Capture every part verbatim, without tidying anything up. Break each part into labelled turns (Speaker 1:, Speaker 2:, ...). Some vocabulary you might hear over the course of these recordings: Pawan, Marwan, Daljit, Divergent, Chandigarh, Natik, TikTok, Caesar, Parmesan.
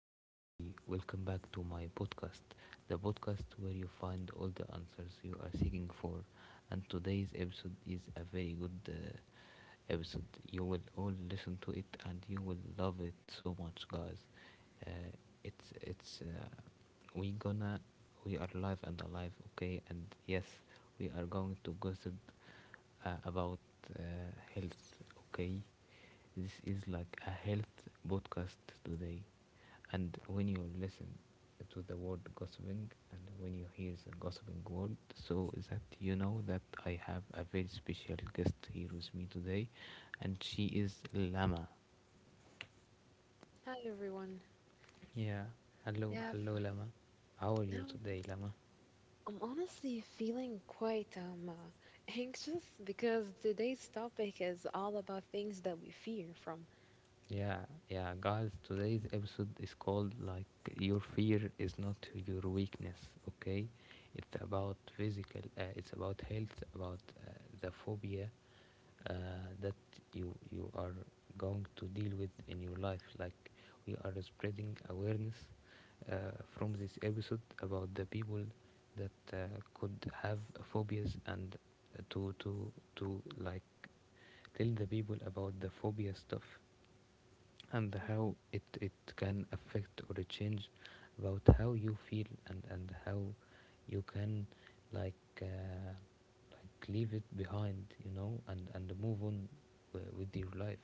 Speaker 1: everybody. Welcome back to my podcast, the podcast where you find all the answers you are seeking for. And today's episode is a very good uh, episode. You will all listen to it and you will love it so much, guys. Uh, it's it's uh, we gonna we are live and alive, okay? And yes, we are going to gossip uh, about uh, health, okay? This is like a health podcast today. And when you listen to the word gossiping and when you hear the gossiping word, so that you know that I have a very special guest here with me today, and she is Lama.
Speaker 2: Hi everyone.
Speaker 1: Yeah, hello,
Speaker 2: Yeah,
Speaker 1: hello,
Speaker 2: I've-
Speaker 1: Lama. How are you
Speaker 2: now
Speaker 1: today, Lama?
Speaker 2: I'm honestly feeling quite um uh, anxious because today's topic is all about things that we fear from.
Speaker 1: Yeah, yeah, guys, today's episode is called like your fear is not your weakness, okay? It's about physical, uh, it's about health, about uh, the phobia uh, that you you are going to deal with in your life. Like we are spreading awareness uh, from this episode about the people that uh, could have phobias and uh, to to to like tell the people about the phobia stuff and how
Speaker 2: Mhm.
Speaker 1: it, it can affect or change about how you feel and, and how you can like uh, like leave it behind you know and and move on w- with your life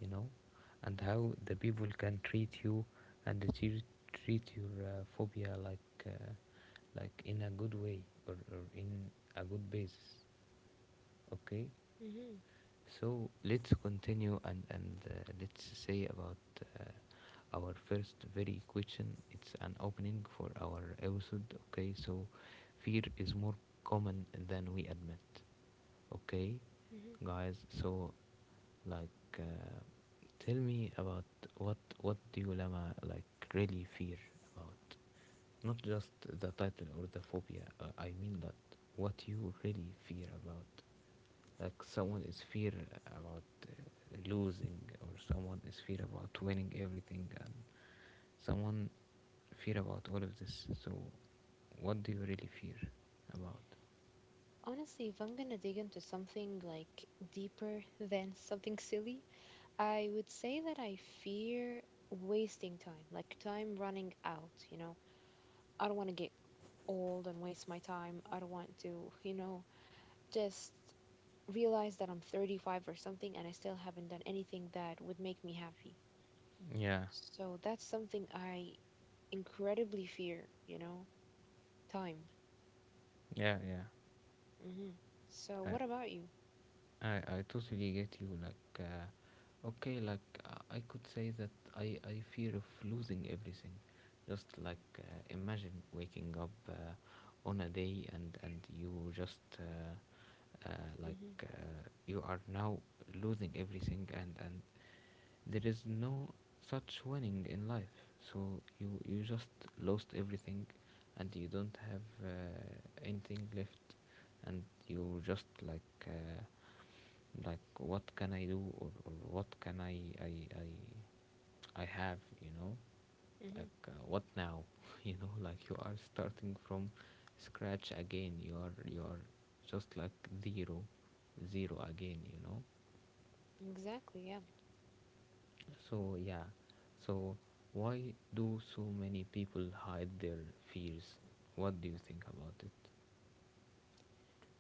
Speaker 1: you know and how the people can treat you and treat, treat your uh, phobia like uh, like in a good way or, or in a good basis, okay?
Speaker 2: Mhm.
Speaker 1: So let's continue and and uh, let's say about uh, our first very question. It's an opening for our episode. Okay, so fear is more common than we admit. Okay,
Speaker 2: Mhm.
Speaker 1: guys. So like, uh, tell me about what what do you, Lama, like really fear about? Not just the title or the phobia. Uh, I mean that what you really fear about. Like someone is fear about uh, losing, or someone is fear about winning everything, and someone fear about all of this. So what do you really fear about?
Speaker 2: Honestly, if I'm gonna dig into something like deeper than something silly, I would say that I fear wasting time, like time running out, you know. I don't want to get old and waste my time. I don't want to, you know, just realize that I'm thirty-five or something and I still haven't done anything that would make me happy.
Speaker 1: Yeah,
Speaker 2: So that's something I incredibly fear, you know, time.
Speaker 1: yeah, yeah.
Speaker 2: Hmm. So what about you?
Speaker 1: I, I totally get you. Like, uh, okay, like uh, I could say that I, I fear of losing everything. Just like uh, imagine waking up uh, on a day, and, and you just uh, uh,
Speaker 2: Hmm.
Speaker 1: like uh, you are now losing everything, and, and there is no such winning in life. So you, you just lost everything and you don't have uh, anything left and you just like. Uh, like what can I do, or, or what can I, I i i have, you know?
Speaker 2: Hmm.
Speaker 1: Like uh, what now? You know, like you are starting from scratch again. You are you are just like zero zero again, you know?
Speaker 2: Exactly, yeah.
Speaker 1: So yeah. So why do so many people hide their fears? What do you think about it?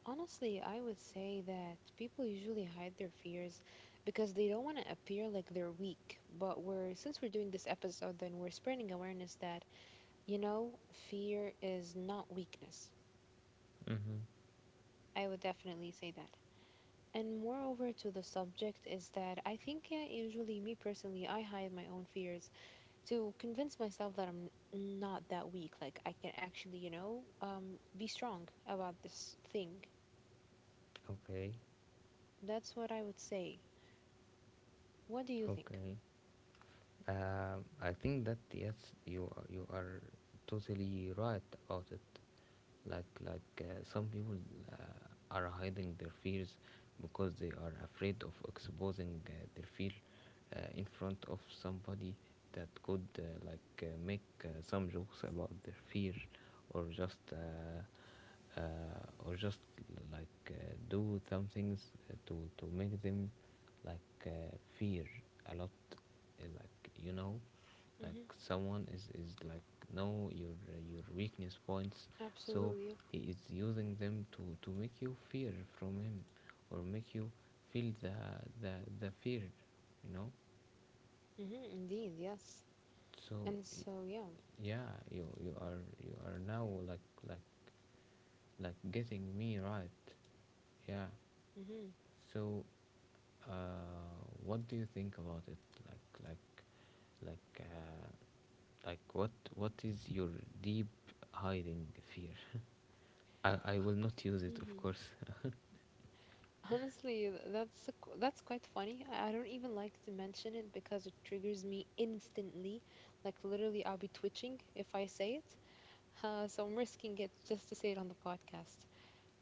Speaker 2: Honestly, I would say that people usually hide their fears because they don't want to appear like they're weak. But we're since we're doing this episode, then we're spreading awareness that, you know, fear is not weakness.
Speaker 1: Mm-hmm.
Speaker 2: I would definitely say that. And moreover to the subject is that I think yeah, usually me personally, I hide my own fears to convince myself that I'm not that weak. Like I can actually, you know, um, be strong about this thing.
Speaker 1: Okay.
Speaker 2: That's what I would say. What do you think?
Speaker 1: Okay. Um, I think that yes, you are- you are totally right about it. Like like uh, some people uh, are hiding their fears because they are afraid of exposing uh, their fear uh, in front of somebody that could uh, like uh, make uh, some jokes about their fear or just uh, uh, or just like uh, do some things uh, to to make them like uh, fear a lot, uh, like, you know, like
Speaker 2: Mm-hmm.
Speaker 1: someone is is like know your uh, your weakness points, so
Speaker 2: Absolutely.
Speaker 1: he is using them to to make you fear from him or make you feel the the, the fear, you know?
Speaker 2: Mm-hmm. Indeed. Yes.
Speaker 1: So
Speaker 2: And so yeah.
Speaker 1: yeah, you you are you are now like like like getting me right, yeah.
Speaker 2: Mm-hmm.
Speaker 1: So uh what do you think about it? Like like like uh like what what is your deep hiding fear? i i will not use it, of
Speaker 2: Mm-hmm.
Speaker 1: course.
Speaker 2: Honestly, th- that's a qu- that's quite funny. I I don't even like to mention it because it triggers me instantly. Like literally, I'll be twitching if I say it. Uh, so I'm risking it just to say it on the podcast.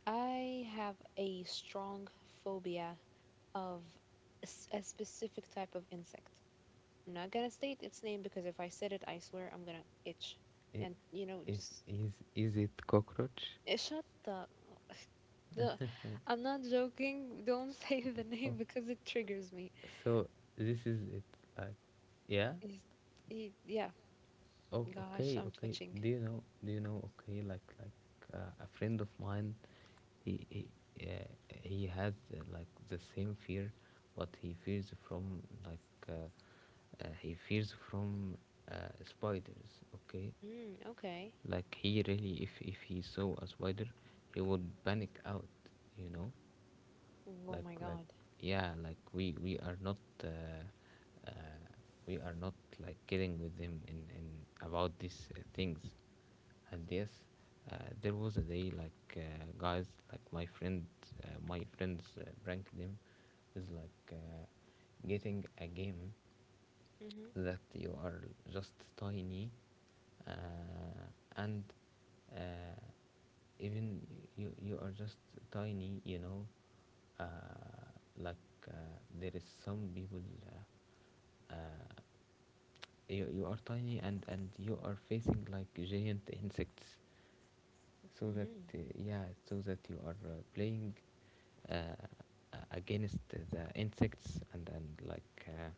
Speaker 2: I have a strong phobia of a, s- a specific type of insect. I'm not gonna state its name because if I said it, I swear I'm gonna itch.
Speaker 1: I-
Speaker 2: And you know,
Speaker 1: it
Speaker 2: just
Speaker 1: is is it cockroach?
Speaker 2: eh, shut the the. I'm not joking. Don't say the
Speaker 1: Oh.
Speaker 2: name because it triggers me.
Speaker 1: So this is it. Like, yeah.
Speaker 2: It's, it, yeah,
Speaker 1: Oh,
Speaker 2: gosh,
Speaker 1: okay,
Speaker 2: I'm
Speaker 1: okay.
Speaker 2: twitching.
Speaker 1: Do you know? Do you know? Okay, like like uh, a friend of mine, he he uh, he has uh, like the same fear, but he fears from like uh, uh, he fears from uh, spiders. Okay,
Speaker 2: Mm, okay.
Speaker 1: like he really, if if he saw a spider, he would panic out. You know,
Speaker 2: Oh my
Speaker 1: like like
Speaker 2: God.
Speaker 1: yeah, like we we are not. Uh, uh, we are not like kidding with him in, in about these uh, things. And yes, uh, there was a day, like, uh, guys, like my friend uh, my friends uh, pranked him, is like uh, getting a game
Speaker 2: Mhm.
Speaker 1: that you are just tiny, uh, and uh, even you, you are just tiny, you know? uh, like uh, there is some people, uh, uh, you, you are tiny and and you are facing like giant insects, so that
Speaker 2: Mhm.
Speaker 1: uh, yeah, so that you are uh, playing uh, a- against the insects and and like uh,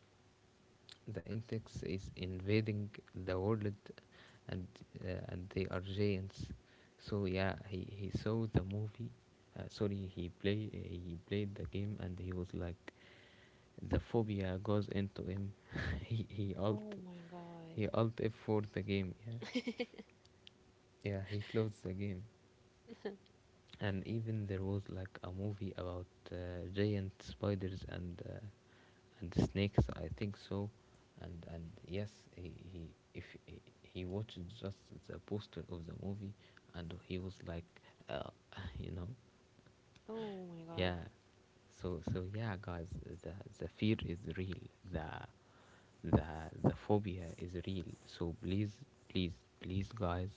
Speaker 1: the insects is invading the world, and uh, and they are giants. So yeah, he, he saw the movie. Uh, sorry, he play he played the game, and he was like, the phobia goes into him. he he alt
Speaker 2: Oh my
Speaker 1: he alt F for the game. Yeah,
Speaker 2: God.
Speaker 1: yeah. He closed the game. And even there was like a movie about uh, giant spiders and uh, and snakes, I think so. And and yes, he, he, if he, he watched just the poster of the movie, and he was like, uh, you know,
Speaker 2: Oh my God.
Speaker 1: yeah. So so yeah, guys, the the fear is real, the the the phobia is real. So please, please, please, guys,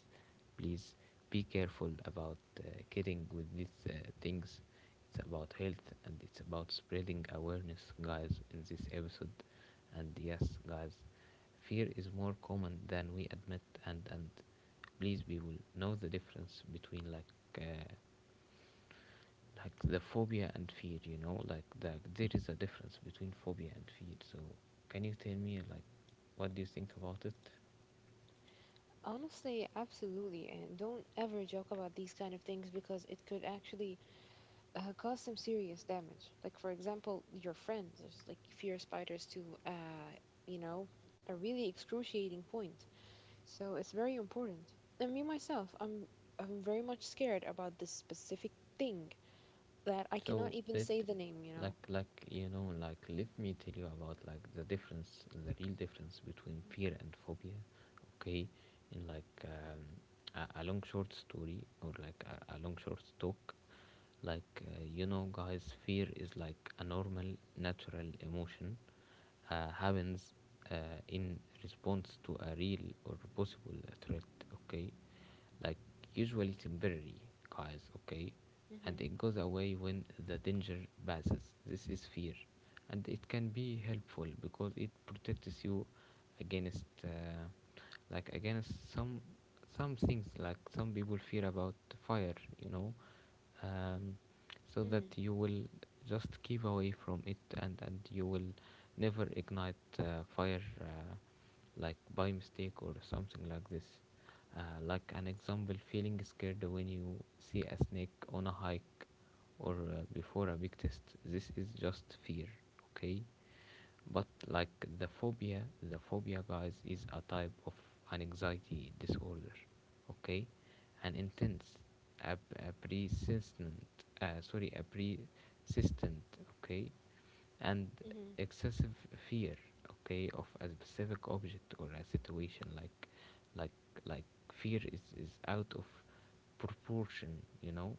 Speaker 1: please be careful about uh, kidding with these uh, things. It's about health and it's about spreading awareness, guys, in this episode. And yes, guys, fear is more common than we admit, and and please, we will know the difference between like uh, like the phobia and fear, you know? Like the, there is a difference between phobia and fear. So can you tell me, like, what do you think about it?
Speaker 2: Honestly, absolutely. And don't ever joke about these kind of things because it could actually uh, cause some serious damage. Like, for example, your friends, there's, like fear spiders to, uh, you know, a really excruciating point. So it's very important. And me myself, I'm I'm very much scared about this specific thing that I
Speaker 1: So
Speaker 2: cannot even
Speaker 1: let
Speaker 2: say the name, you know.
Speaker 1: Like, like you know like let me tell you about like the difference, the real difference between fear and phobia, okay? In like, um, a, a long short story, or like a, a long short talk. Like uh, you know, guys, fear is like a normal natural emotion, uh, happens uh, in response to a real or possible threat. Okay? Like usually temporary, guys, okay? And
Speaker 2: Mm-hmm.
Speaker 1: it goes away when the danger passes. This is fear. And it can be helpful because it protects you against uh, like against some some things. Like some people fear about fire, you know, um, so that
Speaker 2: Mm-hmm.
Speaker 1: you will just keep away from it, and, and you will never ignite uh, fire uh, like by mistake or something like this. Uh, like an example, feeling scared when you see a snake on a hike or uh, before a big test. This is just fear, okay? But like the phobia, the phobia, guys, is a type of an anxiety disorder. Okay? An intense, a, a persistent, uh, sorry a persistent, okay, and
Speaker 2: Mm-hmm.
Speaker 1: excessive fear, okay, of a specific object or a situation. like like like fear is is out of proportion, you know,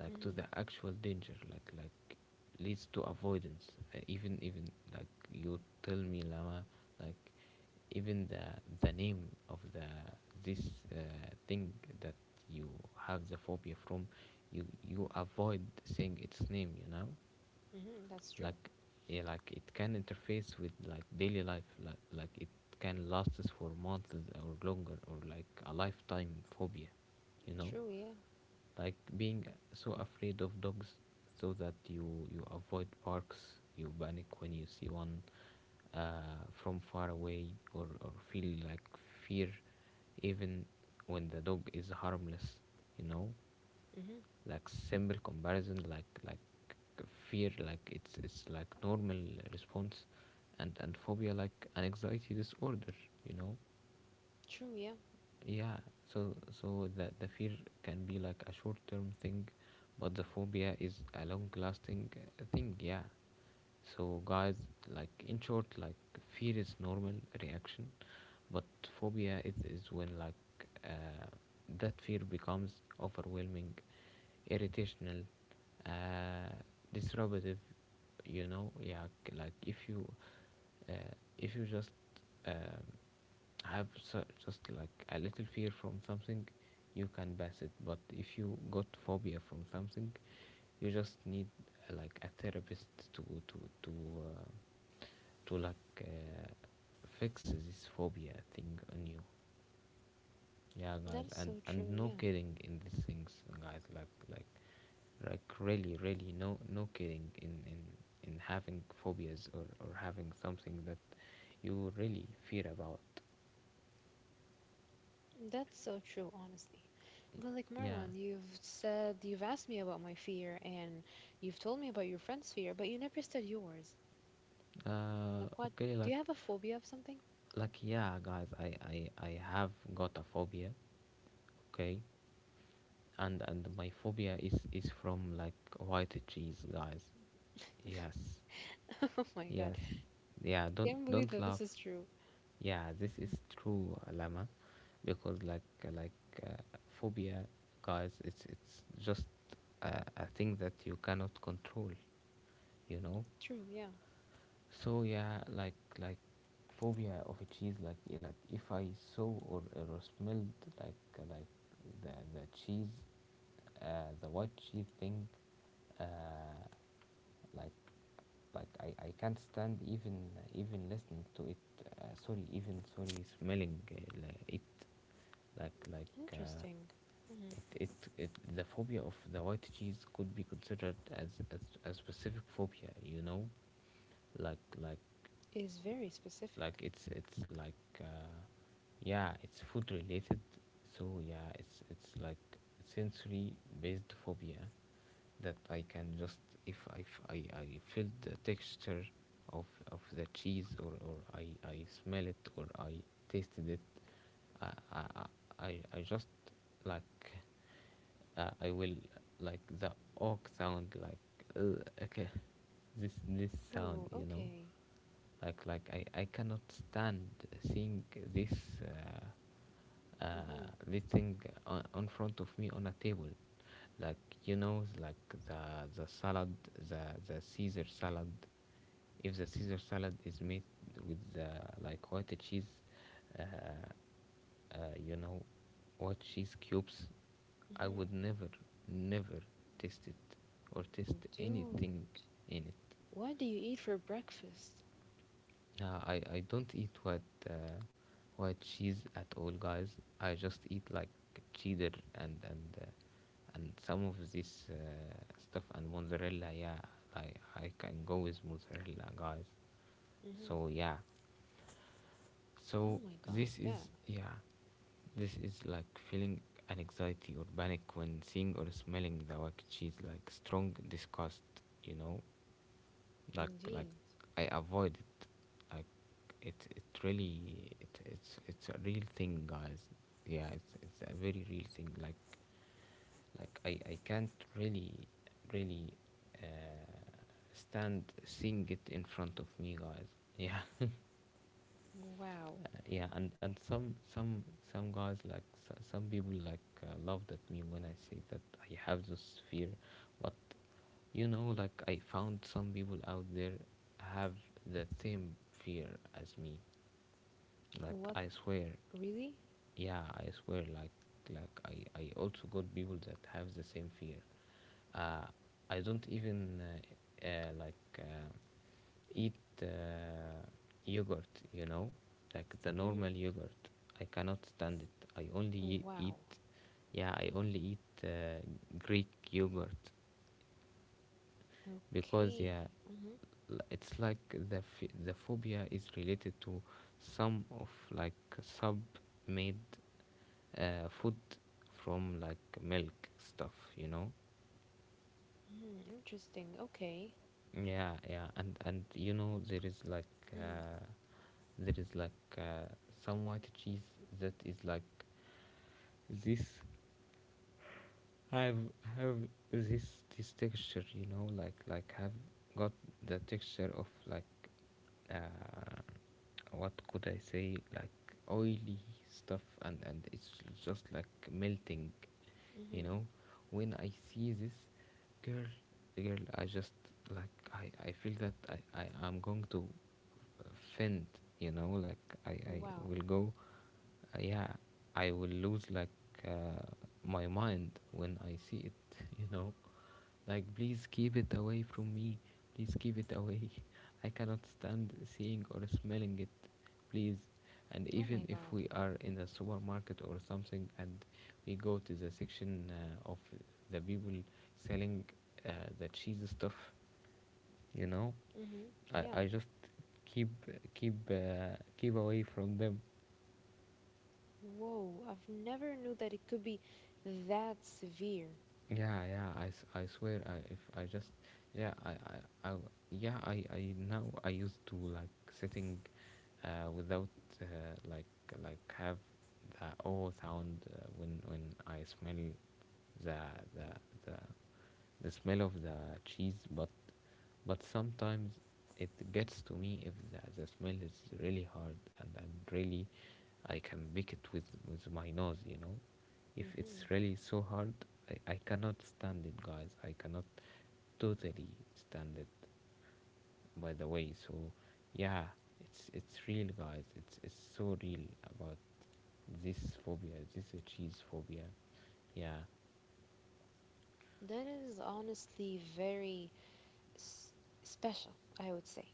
Speaker 1: like to
Speaker 2: Mm-hmm.
Speaker 1: the actual danger. like like leads to avoidance. Uh, even, even, like, you tell me, Lama, like even the the name of the this uh, thing that you have the phobia from, you you avoid saying its name, you know?
Speaker 2: Mm-hmm. That's true.
Speaker 1: Like yeah, like it can interface with like daily life. like, like it can last us for months or longer, or like a lifetime phobia, you know?
Speaker 2: True, yeah.
Speaker 1: Like being so afraid of dogs, so that you you avoid parks, you panic when you see one uh, from far away, or, or feel like fear even when the dog is harmless, you know?
Speaker 2: Mm-hmm.
Speaker 1: Like simple comparison, like like fear, like it's it's like normal response, and and phobia like an anxiety disorder, you know?
Speaker 2: True, yeah.
Speaker 1: Yeah. So so the the fear can be like a short term thing, but the phobia is a long lasting thing, yeah. So, guys, like, in short, like, fear is normal reaction, but phobia is, is when like uh, that fear becomes overwhelming, irritational, uh, disruptive. You know, yeah, k- like if you uh, if you just um have su- just like a little fear from something, you can pass it. But if you got phobia from something, you just need uh, like a therapist to to to. Uh, to like uh, fix this phobia thing on you. Yeah, guys,
Speaker 2: That is
Speaker 1: and
Speaker 2: so
Speaker 1: and
Speaker 2: true,
Speaker 1: no
Speaker 2: yeah.
Speaker 1: kidding in these things, guys. Like like like really really no no kidding in in in having phobias, or or having something that you really fear about.
Speaker 2: That's so true, honestly. But like
Speaker 1: Yeah.
Speaker 2: Marwan, you've said you've asked me about my fear and you've told me about your friend's fear, but you never said yours.
Speaker 1: Uh
Speaker 2: Like what?
Speaker 1: okay,
Speaker 2: Do
Speaker 1: like
Speaker 2: you have a phobia of something?
Speaker 1: like yeah, guys, i i i have got a phobia. Okay? And and my phobia is is from like white cheese, guys. Yes.
Speaker 2: Oh my God.
Speaker 1: Yes. Yeah, don't
Speaker 2: Can't believe
Speaker 1: don't
Speaker 2: that this
Speaker 1: laugh.
Speaker 2: is true.
Speaker 1: Yeah, this is true, Alama, because like like uh, phobia, guys, it's it's just a, a thing that you cannot control, you know.
Speaker 2: True, yeah.
Speaker 1: So yeah, like like phobia of a cheese, like eh, like if I saw or, or smelled like uh, like the the cheese, uh, the white cheese thing, uh, like like I, I can't stand even even listening to it, uh, sorry, even sorry smelling uh, li- it. like like uh,
Speaker 2: Interesting. Mm-hmm.
Speaker 1: it, it it the phobia of the white cheese could be considered as as a specific phobia, you know, like like
Speaker 2: Is very
Speaker 1: like
Speaker 2: specific.
Speaker 1: it's it's like, uh, yeah, it's food related. So yeah, it's it's like sensory based phobia that I can just if i f- i, I feel the texture of of the cheese, or or i i smell it, or i tasted it. I i i, I I just, like uh, I will, like the oak sound, like, uh, okay, this this sound,
Speaker 2: Oh,
Speaker 1: you know.
Speaker 2: okay.
Speaker 1: like like I, I cannot stand seeing this uh, uh,
Speaker 2: Mm-hmm.
Speaker 1: this thing on, on front of me on a table, like, you know, like the the salad, the the Caesar salad. If the Caesar salad is made with the, like, white cheese, uh, uh, you know what? Cheese cubes. I
Speaker 2: Mm-hmm.
Speaker 1: would never, never taste it, or taste
Speaker 2: Dude,
Speaker 1: anything in it.
Speaker 2: what do you eat for breakfast?
Speaker 1: Yeah, I, I don't eat white, uh, white cheese at all, guys. I just eat like cheddar and and uh, and some of this, uh, stuff, and mozzarella. Yeah, like I can go with mozzarella, guys.
Speaker 2: Mm-hmm.
Speaker 1: So yeah.
Speaker 2: Oh
Speaker 1: So
Speaker 2: my God,
Speaker 1: this
Speaker 2: yeah,
Speaker 1: is yeah, this is like feeling an anxiety or panic when seeing or smelling the wet cheese, like strong disgust, you know. like like
Speaker 2: indeed.
Speaker 1: I avoid it. Like it it really, it it's it's a real thing, guys. Yeah, it's it's a very real thing. Like like I I can't really, really, uh, stand seeing it in front of me, guys. Yeah,
Speaker 2: Wow.
Speaker 1: uh, yeah, and and some some some guys, like, s- some people, like, uh, laughed at me when I say that I have this fear. But, you know, like, I found some people out there have the same fear as me, like
Speaker 2: What,
Speaker 1: I swear.
Speaker 2: really?
Speaker 1: Yeah, I swear, like like i i also got people that have the same fear. uh I don't even uh, uh, like uh, eat, uh, yogurt, you know, like the normal
Speaker 2: Mm.
Speaker 1: yogurt. I cannot stand it. I only e-
Speaker 2: Wow.
Speaker 1: eat, yeah, I only eat, uh, Greek yogurt, because
Speaker 2: Okay.
Speaker 1: yeah,
Speaker 2: Mm-hmm.
Speaker 1: l- it's like the ph- the phobia is related to some of, like, sub made, uh, food from, like, milk stuff, you know.
Speaker 2: Mm-hmm. Interesting. Okay.
Speaker 1: Yeah, yeah, and and you know there is like.
Speaker 2: Mm.
Speaker 1: Uh, there is like, uh, some white cheese that is like this, have have this this texture, you know, like like have got the texture of, like, uh, what could I say, like, oily stuff. And and it's just like melting, you
Speaker 2: Mm-hmm.
Speaker 1: know. When I see this girl girl I just, like, i i feel that i i am going to faint, you know. Like, i i
Speaker 2: Wow.
Speaker 1: will go. Uh, yeah, I will lose, like, uh, my mind when I see it, you know. Like, please keep it away from me. Please keep it away. I cannot stand seeing or smelling it. Please. And
Speaker 2: Oh
Speaker 1: even
Speaker 2: my
Speaker 1: if
Speaker 2: God.
Speaker 1: we are in the supermarket or something, and we go to the section, uh, of the people selling, uh, the cheese stuff, you know,
Speaker 2: Mm-hmm.
Speaker 1: I,
Speaker 2: Yeah.
Speaker 1: I just keep keep uh, keep away from them.
Speaker 2: Whoa. I've never knew that it could be that severe.
Speaker 1: Yeah, yeah, I, s- I swear, I if I just, yeah, I I, I yeah, I I now, I used to like sitting uh without, uh, like like have the oh sound, uh, when when I smell the the the the smell of the cheese. but but sometimes it gets to me if the, the smell is really hard, and, and really I can pick it with, with my nose, you know. If it's
Speaker 2: Mm-hmm.
Speaker 1: really so hard, I, I cannot stand it, guys. I cannot totally stand it, by the way. So, yeah, it's it's real, guys. It's it's so real about this phobia, this, uh, cheese phobia. Yeah.
Speaker 2: That is honestly very s special, I would say.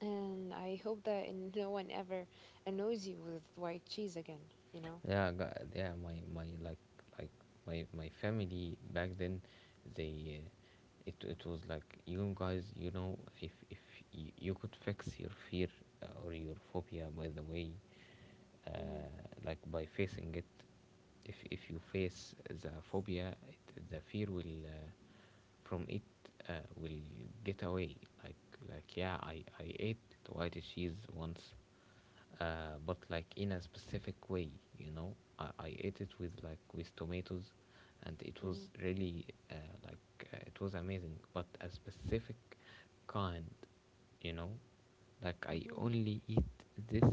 Speaker 2: And I hope that no one ever annoys you with white cheese again, you know?
Speaker 1: yeah got, Yeah, my my like like my my family back then, they uh, it it was like, you guys, you know, if if you, you could fix your fear, uh, or your phobia, by the way, uh,
Speaker 2: Mm-hmm.
Speaker 1: like, by facing it. if if you face the phobia, it, the fear will, uh, from it, uh, will get away. like like yeah, i i ate white cheese once, uh, but like in a specific way, you know. I, I ate it with like with tomatoes, and it
Speaker 2: Mm-hmm.
Speaker 1: was really, uh, like, uh, it was amazing. But a specific kind, you know, like, I
Speaker 2: Mm-hmm.
Speaker 1: only eat this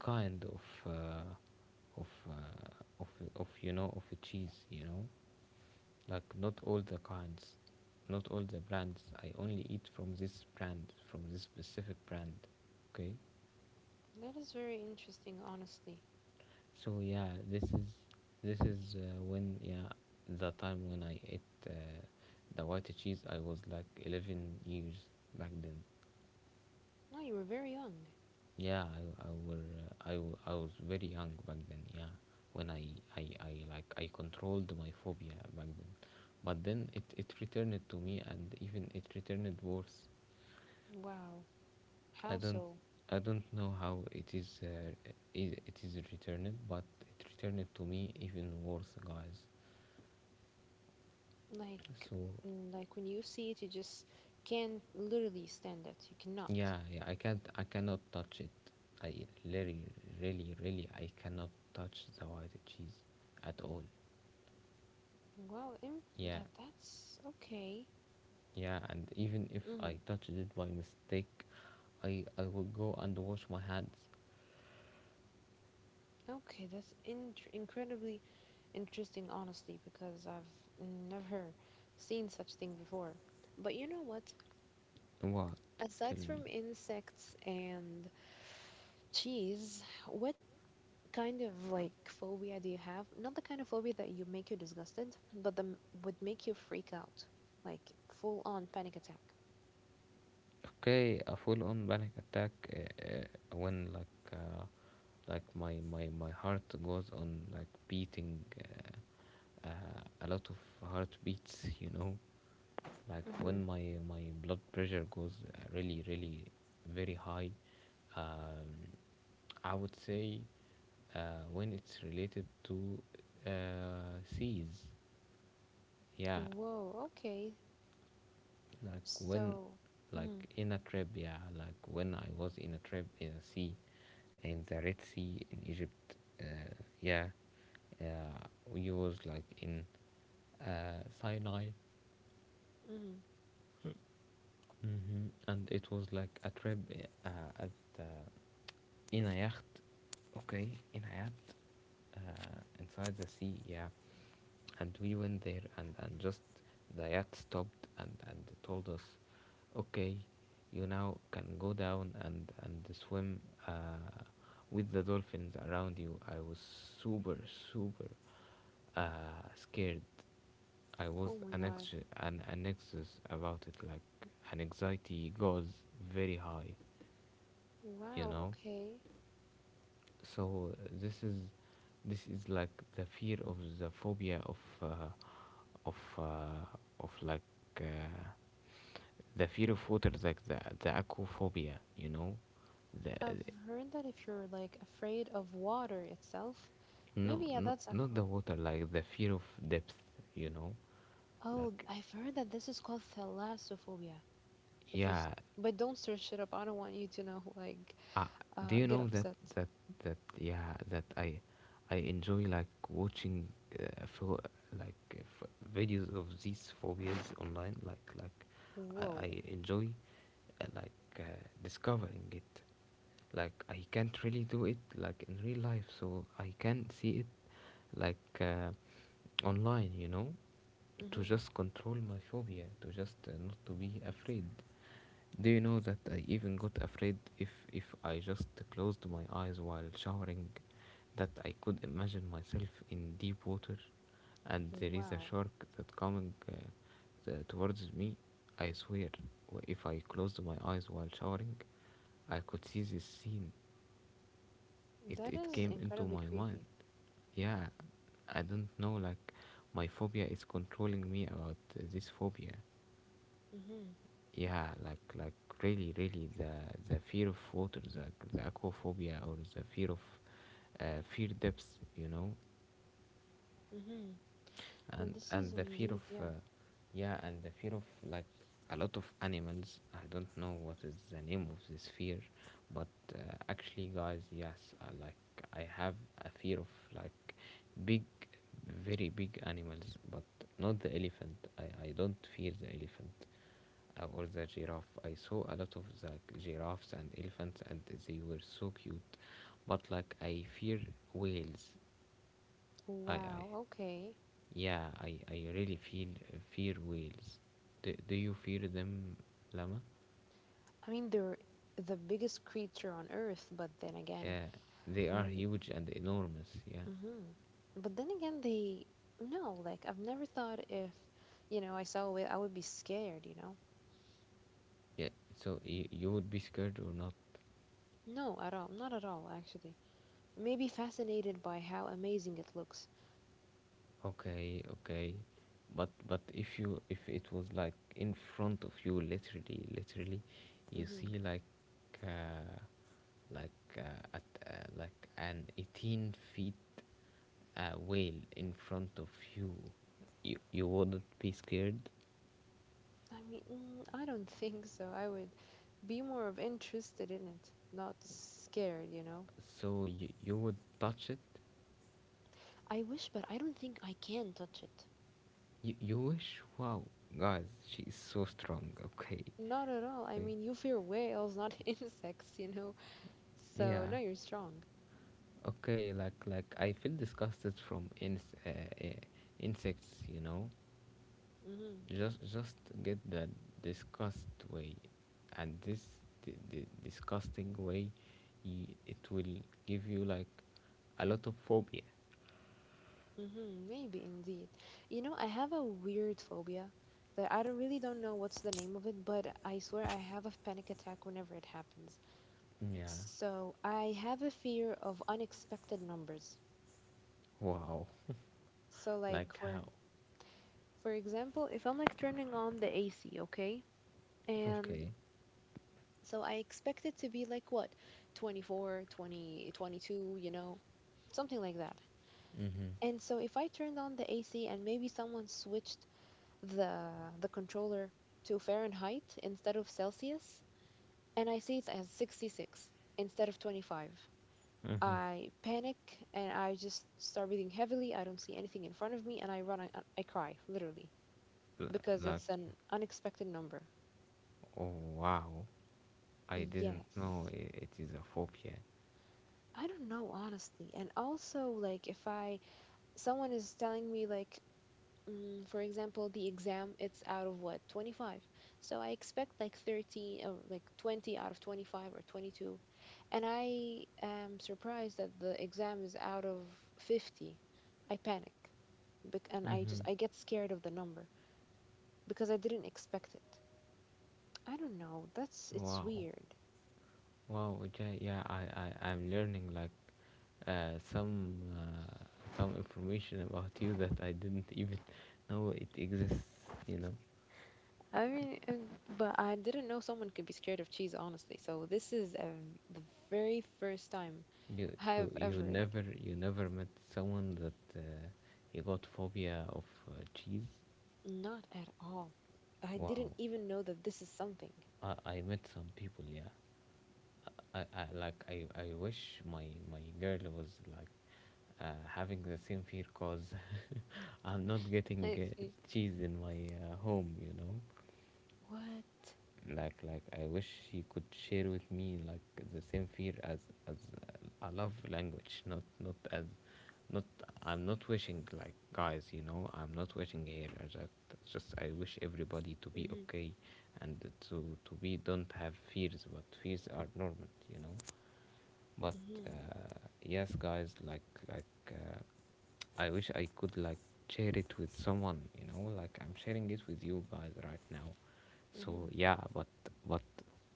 Speaker 1: kind of uh, of uh, of of you know, of a cheese, you know, like, not all the kinds, not all the brands. I only eat from this brand, from this specific brand. Okay.
Speaker 2: That is very interesting, honestly.
Speaker 1: So yeah, this is this is uh, when, yeah, the time when I ate, uh, the white cheese. I was like eleven years back then.
Speaker 2: No, you were very young.
Speaker 1: Yeah, I I were uh, I, w- I was very young back then. Yeah, when I, I I like, I controlled my phobia back then, but then it it returned to me, and even it returned worse.
Speaker 2: Wow.
Speaker 1: I
Speaker 2: How
Speaker 1: don't
Speaker 2: so?
Speaker 1: I don't know how it is, uh, i- it is returned, but it returned to me even worse, guys.
Speaker 2: Like,
Speaker 1: So.
Speaker 2: like when you see it, you just can't literally stand it. You cannot.
Speaker 1: Yeah, yeah, I can't, I cannot touch it. I really, really, really, I cannot touch the white cheese at all.
Speaker 2: Wow, im-
Speaker 1: Yeah,
Speaker 2: that that's okay.
Speaker 1: yeah, and even if I
Speaker 2: Hmm.
Speaker 1: touched it by mistake, I, I will go and wash my hands.
Speaker 2: Okay, that's in incredibly interesting, honestly, because I've never seen such thing before. But you know what?
Speaker 1: What? Tell
Speaker 2: Aside
Speaker 1: me.
Speaker 2: from insects and cheese, what kind of like phobia do you have? Not the kind of phobia that you make you disgusted, but the m- would make you freak out, like full on panic attack.
Speaker 1: Okay, a full-on panic attack, uh, uh, when, like, uh, like my, my, my heart goes on, like, beating, uh, uh, a lot of heartbeats, you know. Like, when
Speaker 2: Hmm.
Speaker 1: my my blood pressure goes, uh, really really very high. um, I would say, uh, when it's related to, uh, seas, yeah.
Speaker 2: Whoa, okay.
Speaker 1: like when
Speaker 2: So,
Speaker 1: like,
Speaker 2: hmm,
Speaker 1: in a trip, yeah, like when I was in a trip in a sea, in the Red Sea in Egypt, uh, yeah, uh, we was like in, uh, Sinai.
Speaker 2: hmm.
Speaker 1: Hmm, and it was like a trip, uh, at, uh, in a yacht, okay, in a yacht, uh, inside the sea, yeah. And we went there, and and just the yacht stopped and and told us, okay, you now can go down and and swim, uh, with the dolphins around you. I was super, super, uh, scared. I was
Speaker 2: Oh my
Speaker 1: an
Speaker 2: God.
Speaker 1: ex an, an anxious about it, like, an anxiety goes very high, you
Speaker 2: Wow,
Speaker 1: know.
Speaker 2: okay.
Speaker 1: So this is, this is like the fear of the phobia of, uh, of uh, of like uh, the fear of water, like the the aquaphobia, you know, the,
Speaker 2: I've
Speaker 1: the-
Speaker 2: heard that if you're like afraid of water itself,
Speaker 1: no,
Speaker 2: maybe yeah,
Speaker 1: no,
Speaker 2: that's
Speaker 1: not
Speaker 2: aqua.
Speaker 1: the water, like the fear of depth, you know,
Speaker 2: Oh,
Speaker 1: like,
Speaker 2: I've heard that this is called thalassophobia. If you, s-
Speaker 1: yeah.
Speaker 2: But don't search it up. I don't want you to know, like,
Speaker 1: Uh, do
Speaker 2: uh,
Speaker 1: you
Speaker 2: get
Speaker 1: know that,
Speaker 2: upset.
Speaker 1: that that yeah, that I I enjoy, like, watching, uh, for like uh, f- videos of these phobias online. Like like I,
Speaker 2: Whoa.
Speaker 1: I enjoy, uh, like, uh, discovering it. Like, I can't really do it like in real life, so I can see it, like, uh, online. You know, to
Speaker 2: Mm-hmm.
Speaker 1: just control my phobia, to just, uh, not to be afraid. Do you know that I even got afraid if if I just closed my eyes while showering, that I could imagine myself in deep water, and there is a
Speaker 2: Wow,
Speaker 1: shark that coming, uh, t- towards me. I swear, w- if I closed my eyes while showering, I could see this scene. it
Speaker 2: that
Speaker 1: it
Speaker 2: is
Speaker 1: came into
Speaker 2: incredibly
Speaker 1: my mind.
Speaker 2: creepy.
Speaker 1: Yeah, I don't know, like, my phobia is controlling me about, uh, this phobia.
Speaker 2: Mm-hmm.
Speaker 1: Yeah, like like really, really, the the fear of water, the, the aquaphobia, or the fear of, uh, fear depths, you know.
Speaker 2: Mm-hmm. No,
Speaker 1: and
Speaker 2: this is
Speaker 1: and the fear
Speaker 2: indeed,
Speaker 1: of, uh,
Speaker 2: yeah.
Speaker 1: yeah, and the fear of, like, a lot of animals. I don't know what is the name of this fear, but, uh, actually, guys, yes, uh, like, I have a fear of, like, big, very big animals. But not the elephant, i i don't fear the elephant, uh, or the giraffe. I saw a lot of the giraffes and elephants, and they were so cute. But like I fear whales. I, I
Speaker 2: Wow, okay.
Speaker 1: yeah, I, I really feel fear whales. Do, do you fear them, Lama?
Speaker 2: I mean, they're the biggest creature on Earth, but then again,
Speaker 1: Yeah, they are
Speaker 2: mm,
Speaker 1: huge and enormous. Yeah,
Speaker 2: mhm. But then again, they no, like I've never thought if, you know, I saw it, I would be scared, you know?
Speaker 1: yeah. So you, you would be scared or not?
Speaker 2: No, at all, not at all, actually. Maybe fascinated by how amazing it looks.
Speaker 1: Okay, okay. But but if you, if it was like in front of you, literally, literally, you see like. Uh, like, uh, at, uh, like an eighteen feet, uh, whale in front of you, you you wouldn't be scared.
Speaker 2: I mean, mm, I don't think so. I would be more of interested in it, not scared, you know?
Speaker 1: So you you would touch it.
Speaker 2: I wish, but I don't think I can touch it.
Speaker 1: You, you wish. Wow, guys, she is so strong. Okay,
Speaker 2: Not at all. I
Speaker 1: okay,
Speaker 2: mean, you fear whales, not insects, you know? So,
Speaker 1: yeah,
Speaker 2: no, you're strong.
Speaker 1: okay. Like like I feel disgusted from ins- uh, uh, insects. You know,
Speaker 2: Mm-hmm.
Speaker 1: just just get that disgust way, and this the, the disgusting way, y it will give you like a lot of phobia.
Speaker 2: Mm-hmm. Maybe indeed. You know, I have a weird phobia that I don't really don't know what's the name of it, but I swear I have a panic attack whenever it happens.
Speaker 1: Yeah.
Speaker 2: So, I have a fear of unexpected numbers.
Speaker 1: Wow.
Speaker 2: So, like,
Speaker 1: Like
Speaker 2: for
Speaker 1: how?
Speaker 2: For example, if I'm like turning on the A C, okay? And
Speaker 1: Okay.
Speaker 2: so I expect it to be like what? twenty-four, twenty, twenty-two, you know, something like that.
Speaker 1: Mm-hmm.
Speaker 2: And so if I turned on the A C and maybe someone switched the the controller to Fahrenheit instead of Celsius, and I see it as sixty-six instead of twenty-five. I panic and I just start breathing heavily. I don't see anything in front of me and I run, I, I cry, literally,
Speaker 1: L-
Speaker 2: because
Speaker 1: like
Speaker 2: it's an unexpected number.
Speaker 1: oh wow, I didn't know
Speaker 2: Yes.
Speaker 1: i- it is a phobia.
Speaker 2: I don't know, honestly. And also, like, if I, someone is telling me, like, mm, for example, the exam, it's out of what, twenty-five. So I expect like thirteen or like twenty out of twenty-five or twenty-two. And I am surprised that the exam is out of fifty. I panic. Bec- and I
Speaker 1: Mm-hmm.
Speaker 2: just, I get scared of the number because I didn't expect it. I don't know. That's, it's
Speaker 1: Wow.
Speaker 2: weird.
Speaker 1: Wow, yeah, yeah, i i I'm learning, like, uh some uh, some information about you that I didn't even know it exists, you know
Speaker 2: I mean, uh, but I didn't know someone could be scared of cheese, honestly. So this is uh, the very first time
Speaker 1: You you
Speaker 2: I've
Speaker 1: you
Speaker 2: ever.
Speaker 1: never, you never met someone that uh, you got phobia of uh, cheese.
Speaker 2: Not at all. I didn't
Speaker 1: Wow,
Speaker 2: even know that this is something.
Speaker 1: I, I met some people. Yeah, I, I like I, I wish my my girl was like uh, having the same fear, cause I'm not getting
Speaker 2: I
Speaker 1: uh,
Speaker 2: see.
Speaker 1: cheese in my uh, home. You know.
Speaker 2: What?
Speaker 1: like like I wish he could share with me, like, the same fear as as I love language, not not as not I'm not wishing, like, guys, you know, I'm not wishing here uh, that just I wish everybody to be
Speaker 2: Mhm,
Speaker 1: okay and to to be don't have fears, but fears are normal, you know. But
Speaker 2: mhm,
Speaker 1: uh, yes, guys, like, like uh, I wish I could, like, share it with someone. You know, like, I'm sharing it with you guys right now. So
Speaker 2: mhm.
Speaker 1: yeah. But but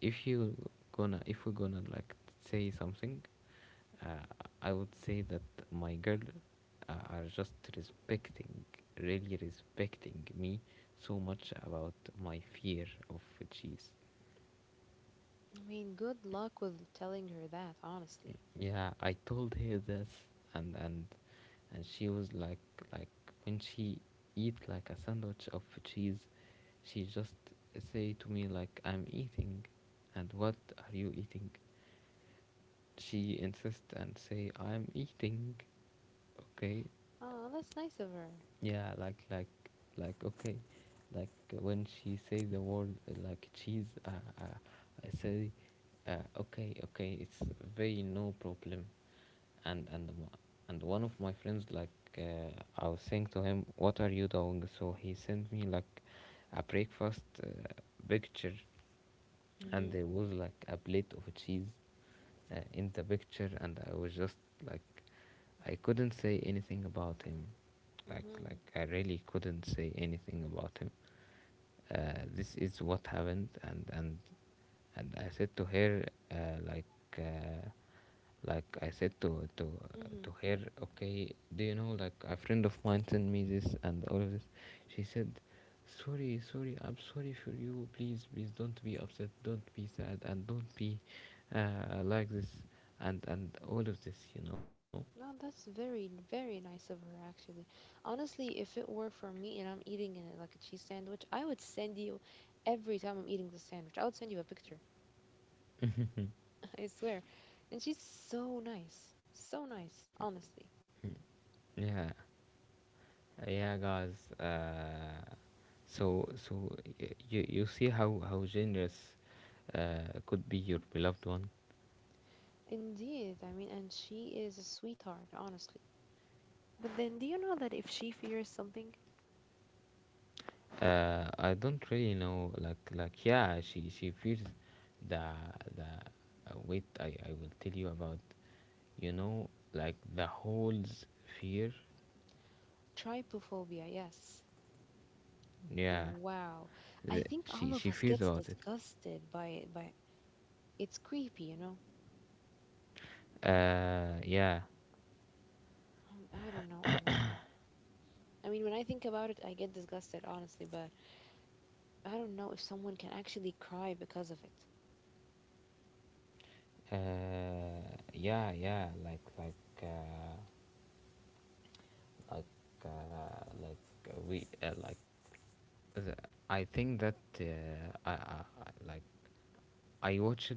Speaker 1: if you gonna if we're gonna, like, say something, uh, I would say that my girl uh, are just respecting, really respecting me so much about my fear of cheese.
Speaker 2: I mean, good luck with telling her that, honestly.
Speaker 1: Yeah, I told her this, and and and she was like like when she eat like a sandwich of cheese, she just say to me like, I'm eating. And what are you eating? She insist and say, I'm eating, okay.
Speaker 2: Oh, that's nice of her.
Speaker 1: Yeah, like like like okay, like, when she say the word uh, like cheese, uh, uh, I say, uh, okay, okay, it's very no problem. And and m- and one of my friends, like, uh, I was saying to him, "What are you doing?" So he sent me, like, a breakfast uh, picture, and
Speaker 2: Mhm,
Speaker 1: there was, like, a plate of cheese uh, in the picture, and I was just like, I couldn't say anything about him, like
Speaker 2: mhm,
Speaker 1: like I really couldn't say anything about him. Uh, this is what happened. And and and I said to her, uh, like uh, like I said to to to
Speaker 2: mhm.
Speaker 1: her, okay, do you know, like, a friend of mine sent me this and all of this. She said, sorry, sorry, I'm sorry for you, please, please don't be upset, don't be sad, and don't be uh, like this, and and all of this, you know.
Speaker 2: No, that's very, very nice of her, actually. Honestly, if it were for me and I'm eating in it like a cheese sandwich, I would send you every time I'm eating the sandwich. I would send you a picture, I swear. And she's so nice. So nice, honestly.
Speaker 1: Yeah, yeah, guys, uh, so so y- you you see how how generous uh, could be your beloved one.
Speaker 2: Indeed, I mean, and she is a sweetheart, honestly. But then, do you know that if she fears something,
Speaker 1: Uh, I don't really know. Like, like, yeah, she she fears the the. Uh, wait, I I will tell you about. You know, like, the holes fear.
Speaker 2: trypophobia, yes.
Speaker 1: Yeah,
Speaker 2: Wow.
Speaker 1: the,
Speaker 2: I
Speaker 1: she
Speaker 2: think
Speaker 1: she
Speaker 2: all of
Speaker 1: fears
Speaker 2: us
Speaker 1: about
Speaker 2: gets
Speaker 1: it.
Speaker 2: disgusted by it, but it's creepy, you know?
Speaker 1: Uh, yeah.
Speaker 2: I I don't know, honestly. I mean, when I think about it, I get disgusted, honestly, but I don't know if someone can actually cry because of it.
Speaker 1: Uh, yeah, yeah. Like, like, uh, like, uh, like uh, we uh, like. The, I think that uh, I, I I- like I watched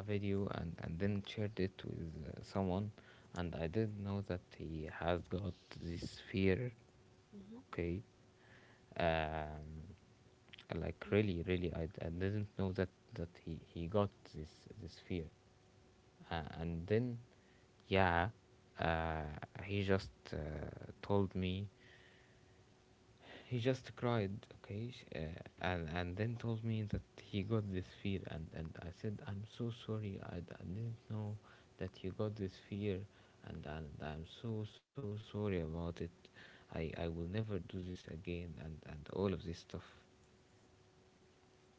Speaker 1: a video, and, and then shared it with uh, someone, and I didn't know that he has got this fear.
Speaker 2: Mm-hmm.
Speaker 1: Okay, um, like,
Speaker 2: Mm-hmm.
Speaker 1: really, really, I, I didn't know that that he he got this this fear, uh, and then, yeah, uh, he just uh, told me, he just cried, okay, sh- uh, and and then told me that he got this fear, and and I said, I'm so sorry, I, d- I didn't know that you got this fear, and and I'm so so sorry about it. I I will never do this again, and and all of this stuff.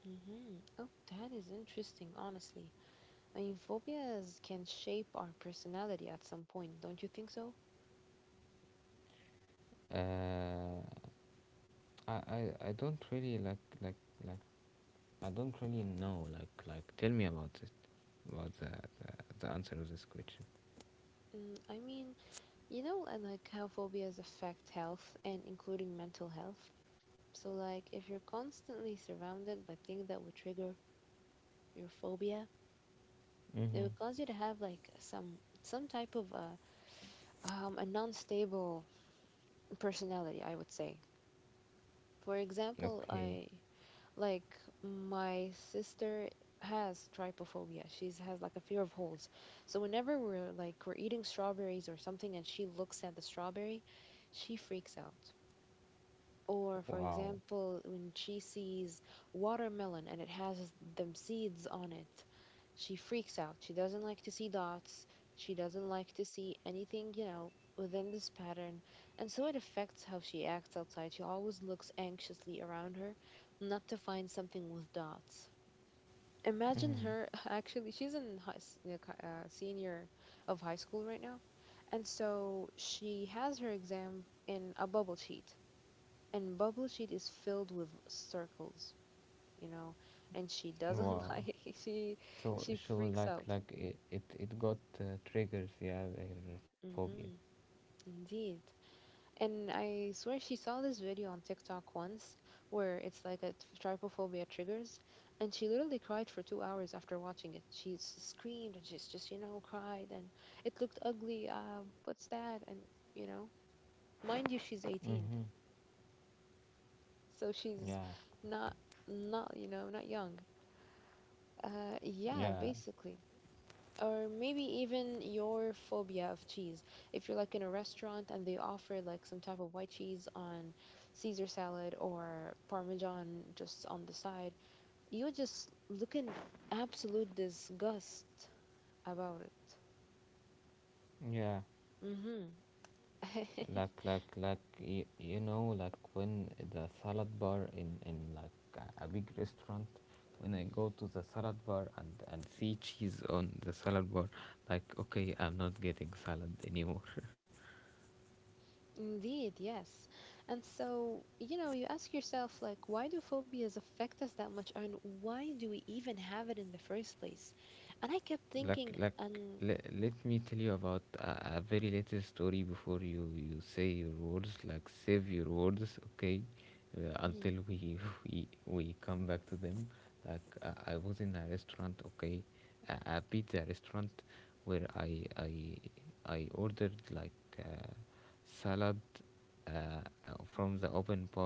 Speaker 2: Mm-hmm. Oh, that is interesting, honestly. I mean, phobias can shape our personality at some point, don't you think so?
Speaker 1: Uh, I I I don't really like like like I don't really know, like like tell me about it, about the the, the answer of this question.
Speaker 2: Mm, I mean, you know, I like how phobias affect health and including mental health. So, like, if you're constantly surrounded by things that would trigger your phobia, they would cause
Speaker 1: Mm-hmm.
Speaker 2: you to have like some some type of a um a non-stable personality, I would say. For example,
Speaker 1: Okay.
Speaker 2: I like my sister has trypophobia. She's has like a fear of holes. So whenever we're like we're eating strawberries or something and she looks at the strawberry, she freaks out. Or for
Speaker 1: Wow.
Speaker 2: example, when she sees watermelon and it has them seeds on it, she freaks out. She doesn't like to see dots. She doesn't like to see anything, you know, within this pattern. And so it affects how she acts outside. She always looks anxiously around her, not to find something with dots. Imagine her
Speaker 1: Mm.
Speaker 2: actually, she's in high, s- uh, co- uh, senior of high school right now. And so she has her exam in a bubble sheet. And bubble sheet is filled with circles, you know, and she doesn't like
Speaker 1: Wow.
Speaker 2: she
Speaker 1: So
Speaker 2: she freaks
Speaker 1: so,
Speaker 2: out.
Speaker 1: like, like it it, it got uh, triggers, yeah, their
Speaker 2: Mm-hmm,
Speaker 1: phobia.
Speaker 2: indeed. And I swear she saw this video on TikTok once where it's like a t- trypophobia triggers, and she literally cried for two hours after watching it. She s- screamed and she's just, you know, cried and it looked ugly. Uh, what's that? And, you know, mind you, she's eighteen,
Speaker 1: Mhm.
Speaker 2: so she's
Speaker 1: Yeah
Speaker 2: not, not, you know, not young. Uh, yeah,
Speaker 1: yeah
Speaker 2: basically. Or maybe even your phobia of cheese. If you're like in a restaurant and they offer like some type of white cheese on Caesar salad or Parmesan just on the side, you just look in absolute disgust about it.
Speaker 1: yeah.
Speaker 2: Mm-hmm.
Speaker 1: Like like like you, you know, like, when the salad bar in in like a a big restaurant, when I go to the salad bar and and see cheese on the salad bar, like, okay, I'm not getting salad anymore.
Speaker 2: Indeed, yes. And so, you know, you ask yourself, like, why do phobias affect us that much, and why do we even have it in the first place? And I kept
Speaker 1: like
Speaker 2: thinking,
Speaker 1: like
Speaker 2: and
Speaker 1: le, Let me tell you about a, a very little story before you you say your words, like, save your words, okay, uh,
Speaker 2: mm-hmm.
Speaker 1: until we we we come back to them. Like, uh, I was in a restaurant, okay, a, a pizza restaurant, where i i I ordered, like, uh, salad, uh, uh, from the open bar,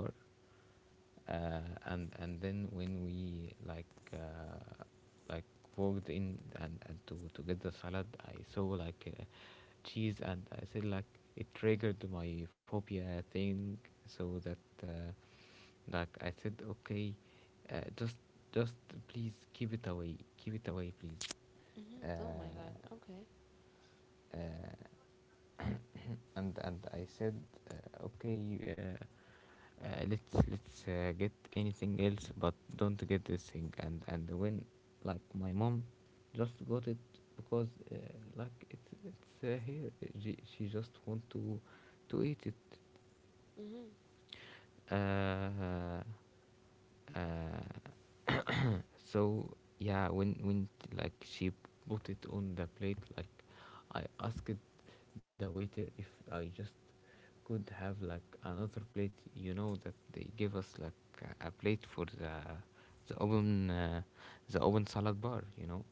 Speaker 1: uh, and and then when we, like, uh, like, walked in and, and to to get the salad, I saw, like, uh, cheese, and I said, like, it triggered my phobia thing, so that uh, like, I said, okay, uh, just just please keep it away, keep it away, please.
Speaker 2: Mhm.
Speaker 1: uh,
Speaker 2: Oh my God. Okay.
Speaker 1: uh, and and I said, uh, okay, uh, uh, let's let's uh, get anything else, but don't get this thing. And and when, like, my mom just got it, because uh, like, it's it's uh, here. She, she just want to to eat it,
Speaker 2: Mhm.
Speaker 1: uh, uh, so yeah, when when like, she put it on the plate, like, I asked the waiter if I just could have, like, another plate, you know, that they give us, like, a a plate for the the open uh, the open salad bar, you know,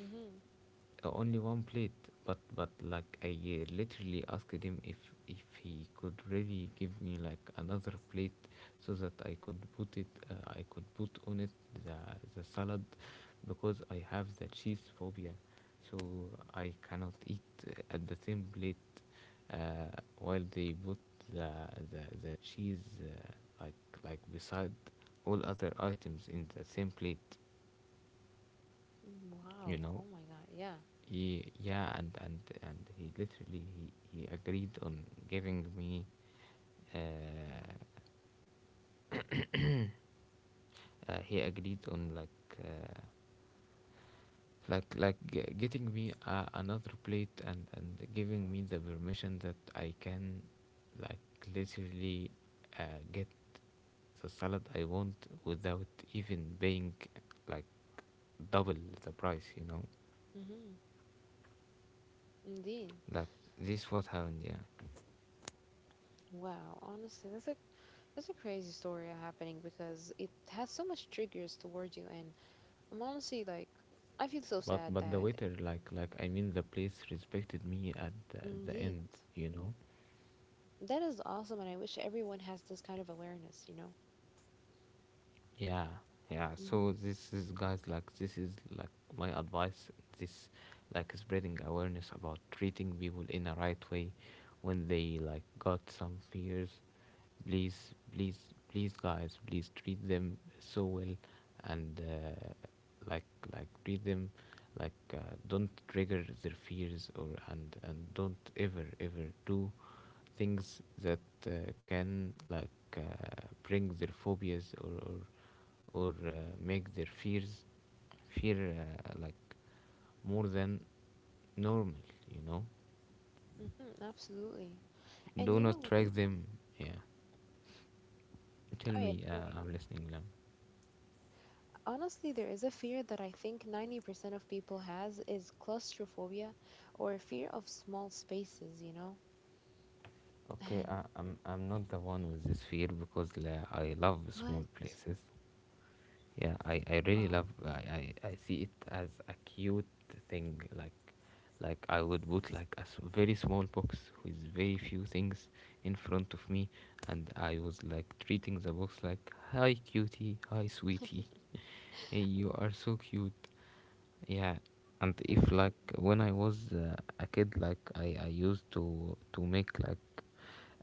Speaker 2: Mhm.
Speaker 1: only one plate. but but like, I uh, literally asked him if if he could really give me, like, another plate, so that I could put it, uh, I could put on it the, the salad, because I have the cheese phobia, so I cannot eat uh, at the same plate, uh, while they put the the, the cheese, uh, like like, beside all other items in the same plate,
Speaker 2: Mm,
Speaker 1: you
Speaker 2: Wow.
Speaker 1: know.
Speaker 2: Oh my God. Yeah.
Speaker 1: Ye- yeah, and and and he literally, he, he agreed on giving me, uh, uh, he agreed on, like, uh, like like g- getting me uh, another plate, and and giving me the permission that I can, like, literally uh, get the salad I want without even paying, like, double the price, you know.
Speaker 2: Mhm. Indeed.
Speaker 1: Like, this what happened, yeah.
Speaker 2: Wow. Honestly, that's a that's a crazy story happening because it has so much triggers towards you, and I'm honestly like, I feel so
Speaker 1: But
Speaker 2: sad
Speaker 1: but the
Speaker 2: that.
Speaker 1: waiter, like like I mean, the place respected me at the, at the end,
Speaker 2: Indeed.
Speaker 1: you know.
Speaker 2: That is awesome, and I wish everyone has this kind of awareness. You know.
Speaker 1: Yeah, yeah.
Speaker 2: Mhm.
Speaker 1: So this is, guys, like, this is, like, my advice. This, like, spreading awareness about treating people in a right way when they, like, got some fears. Please, please, please, guys, please treat them so well, and uh, like like treat them like, uh, don't trigger their fears, or and and don't ever ever do things that uh, can, like, uh, bring their phobias, or, or or uh, make their fears fear, uh, like, more than normal, you know.
Speaker 2: Mhm. Absolutely. And
Speaker 1: Do
Speaker 2: you
Speaker 1: not
Speaker 2: know.
Speaker 1: track them. Yeah.
Speaker 2: Oh
Speaker 1: Tell
Speaker 2: yeah.
Speaker 1: me, uh,
Speaker 2: Carry
Speaker 1: I'm
Speaker 2: on.
Speaker 1: listening, Lam.
Speaker 2: Honestly, there is a fear that I think ninety percent of people has is claustrophobia or fear of small spaces, you know?
Speaker 1: Okay,
Speaker 2: And
Speaker 1: I, i'm I'm not the one with this fear, because la, I love small
Speaker 2: what?
Speaker 1: places. Yeah, I, I really
Speaker 2: But
Speaker 1: love, I, I, I see it as a cute thing. like like I would put like a s- very small box with very few things in front of me, and I was like, treating the box like, hi cutie, hi sweetie. Hey, you are so cute. Yeah. And
Speaker 2: um,
Speaker 1: if, like, when I was uh, a kid, like, I, I used to to make, like,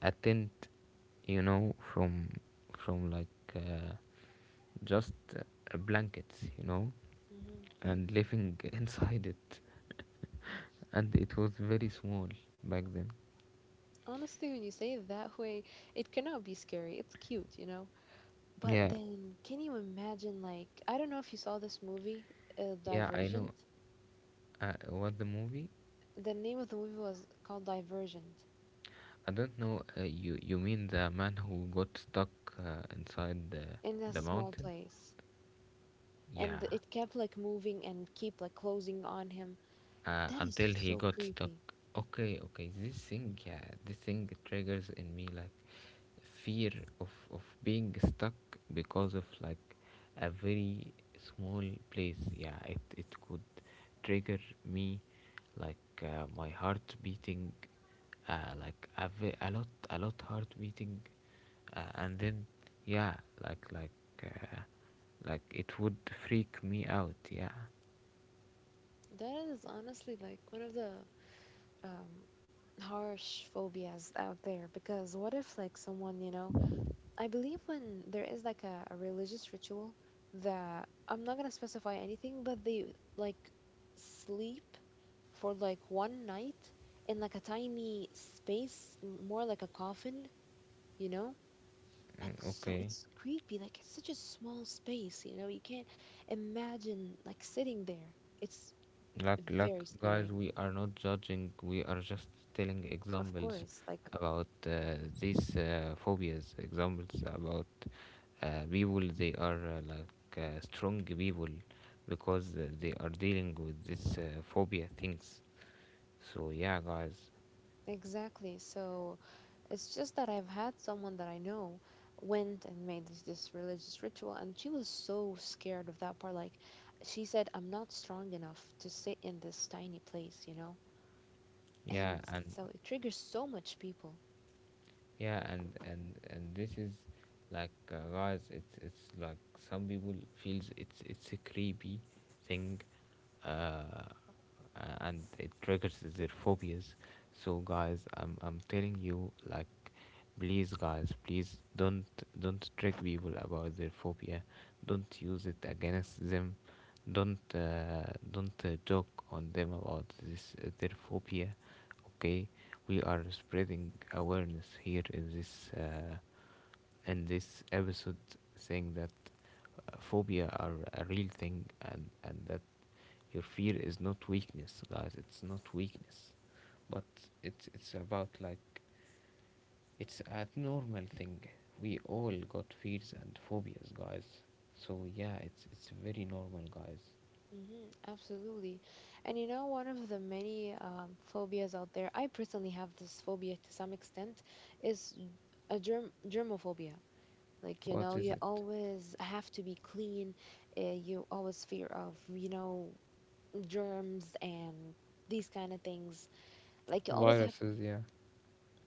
Speaker 1: a tent, you know, from from like uh, just uh, blankets, you know,
Speaker 2: mhm.
Speaker 1: and living inside it, and it was very small back then.
Speaker 2: honestly, when you say it that way, it cannot be scary. It's cute, you know? But
Speaker 1: Yeah.
Speaker 2: then, can you imagine, like, I don't know if you saw this movie, uh,
Speaker 1: Yeah, I know
Speaker 2: Divergent.
Speaker 1: uh, what the movie.
Speaker 2: The name of the movie was called Divergent
Speaker 1: I don't know, uh, you you mean the man who got stuck uh, inside the,
Speaker 2: in a
Speaker 1: the
Speaker 2: small
Speaker 1: mountain,
Speaker 2: place. And
Speaker 1: yeah,
Speaker 2: it kept like moving and keep like closing on him.
Speaker 1: uh,
Speaker 2: That is
Speaker 1: until he
Speaker 2: so
Speaker 1: got stuck.
Speaker 2: creepy.
Speaker 1: Okay, okay, this thing, yeah, this thing triggers in me, like, fear of, of being stuck, because of, like, a very small place. Yeah, it, it could trigger me, like, uh, my heart beating, uh, like a, ve- a lot, a lot heart beating, uh, and then, yeah, like like uh, like, it would freak me out, yeah.
Speaker 2: That is honestly like one of the um, harsh phobias out there because what if like someone, you know, I believe when there is like a, a religious ritual that I'm not gonna specify anything, but they like sleep for like one night in like a tiny space, l- more like a coffin, you know? And so
Speaker 1: Okay.
Speaker 2: it's creepy, like it's such a small space, you know, you can't imagine like sitting there. It's
Speaker 1: Like, like,
Speaker 2: very
Speaker 1: guys,
Speaker 2: scary.
Speaker 1: we are not judging. We are just telling
Speaker 2: Of
Speaker 1: examples
Speaker 2: course, like
Speaker 1: about uh, these uh, phobias. Examples about uh, people. They are, uh, like uh, strong people, because uh, they are dealing with this uh, phobia things. So yeah, guys.
Speaker 2: Exactly. So it's just that I've had someone that I know went and made this, this religious ritual, and she was so scared of that part. Like, she said, I'm not strong enough to sit in this tiny place, you know?
Speaker 1: Yeah,
Speaker 2: And
Speaker 1: and
Speaker 2: so it triggers so much people.
Speaker 1: yeah, and and and this is like, uh, guys, It's it's like some people feels it's it's a creepy thing, uh, uh, and it triggers their phobias. So guys, I'm I'm telling you, like, please, guys, please don't don't trick people about their phobia. Don't use it against them. Don't, uh, don't uh, joke on them about this uh, their phobia. Okay, we are spreading awareness here in this uh, in this episode, saying that uh, phobia are a real thing, and and that your fear is not weakness, guys. It's not weakness, but it's it's about, like, it's a normal thing. We all got fears and phobias, guys. So yeah, it's it's very normal, guys.
Speaker 2: Hmm, absolutely. And you know, one of the many um, phobias out there, I personally have this phobia to some extent, is a germ germophobia. Like, you
Speaker 1: What
Speaker 2: know,
Speaker 1: is
Speaker 2: you
Speaker 1: it?
Speaker 2: always have to be clean. Uh, you always fear of, you know, germs and these kind of things. Like, you always have,
Speaker 1: Viruses, yeah,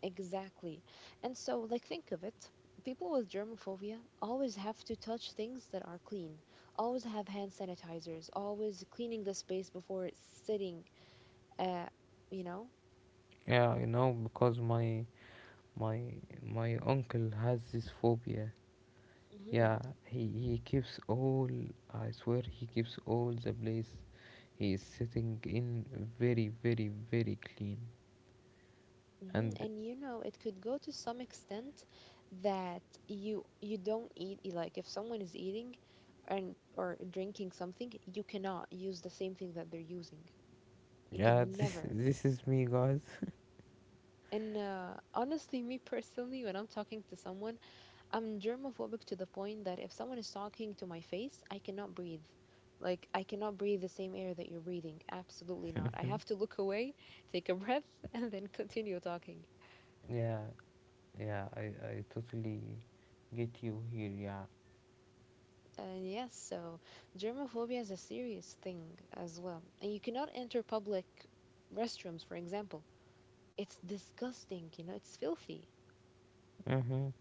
Speaker 2: exactly. And so, like, think of it. People with germophobia always have to touch things that are clean, always have hand sanitizers, always cleaning the space before it's sitting, uh, you know?
Speaker 1: yeah. You know, because my my my uncle has this phobia.
Speaker 2: Mhm.
Speaker 1: Yeah, he he keeps all. I swear, he keeps all the place. He is sitting in very, very, very clean,
Speaker 2: Mhm,
Speaker 1: and
Speaker 2: and you know, it could go to some extent that you you don't eat y- like if someone is eating and or drinking something, you cannot use the same thing that they're using. You
Speaker 1: yeah,
Speaker 2: can
Speaker 1: this
Speaker 2: never.
Speaker 1: this is me, guys.
Speaker 2: And uh, honestly, me personally, when I'm talking to someone, I'm germophobic to the point that if someone is talking to my face, I cannot breathe. Like I cannot breathe the same air that you're breathing. Absolutely not. I have to look away, take a breath, and then continue talking.
Speaker 1: Yeah, yeah, I I totally get you here. Yeah.
Speaker 2: And yes, so germophobia is a serious thing as well. And you cannot enter public restrooms, for example. It's disgusting, you know, it's filthy.
Speaker 1: Mhm.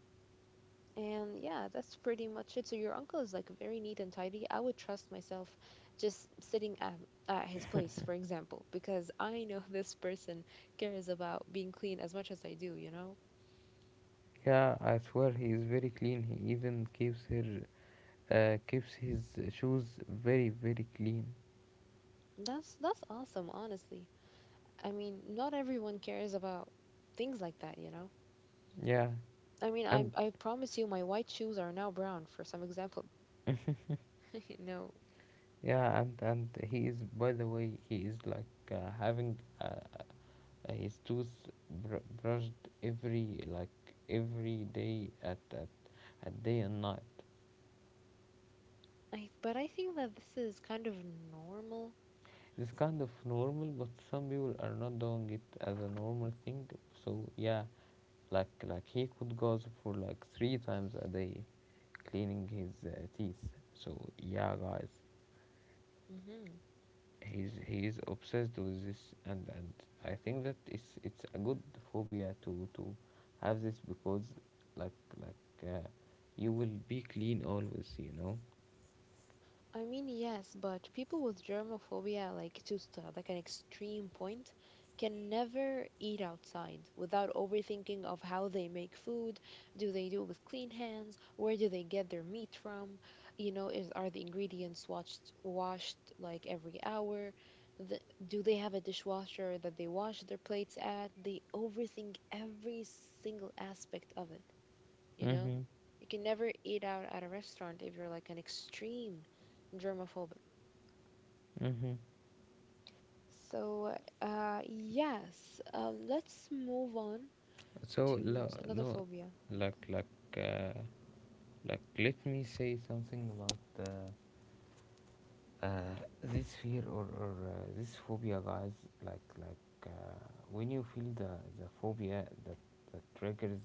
Speaker 2: And yeah, that's pretty much it. So your uncle is like very neat and tidy. I would trust myself just sitting at, at his place, for example, because I know this person cares about being clean as much as I do, you know?
Speaker 1: Yeah, I swear he is very clean. He even keeps her, uh, keeps his shoes very very clean.
Speaker 2: That's that's awesome, honestly. I mean, not everyone cares about things like that, you know?
Speaker 1: Yeah,
Speaker 2: I mean, I
Speaker 1: and
Speaker 2: I promise you, my white shoes are now brown, for some example. No,
Speaker 1: yeah, and and he is. By the way, he is like uh, having uh, his tooth br- brushed every like every day at at at day and night.
Speaker 2: I but I think that this is kind of normal.
Speaker 1: It's kind of normal, but some people are not doing it as a normal thing. So yeah, like like he could go for like three times a day, cleaning his uh, teeth. So yeah, guys,
Speaker 2: Hmm.
Speaker 1: he's he is obsessed with this, and and I think that it's it's a good phobia to to have this because like like uh, you will be clean always, you know.
Speaker 2: I mean, yes, but people with germophobia, like to s- uh, like an extreme point, can never eat outside without overthinking of how they make food. Do they do it with clean hands? Where do they get their meat from? You know, is are the ingredients washed washed like every hour? The, do they have a dishwasher that they wash their plates at? They overthink every single aspect of it you know?
Speaker 1: Mm-hmm.
Speaker 2: You can never eat out at a restaurant if you're like an extreme germaphobe.
Speaker 1: Mm-hmm.
Speaker 2: So, uh, yes, um, let's move on
Speaker 1: So
Speaker 2: to s-
Speaker 1: lo-
Speaker 2: another
Speaker 1: no,
Speaker 2: phobia.
Speaker 1: like like uh, like let me say something about uh, uh, this fear or, or uh, this phobia, guys. Like like uh, when you feel the the phobia that that triggers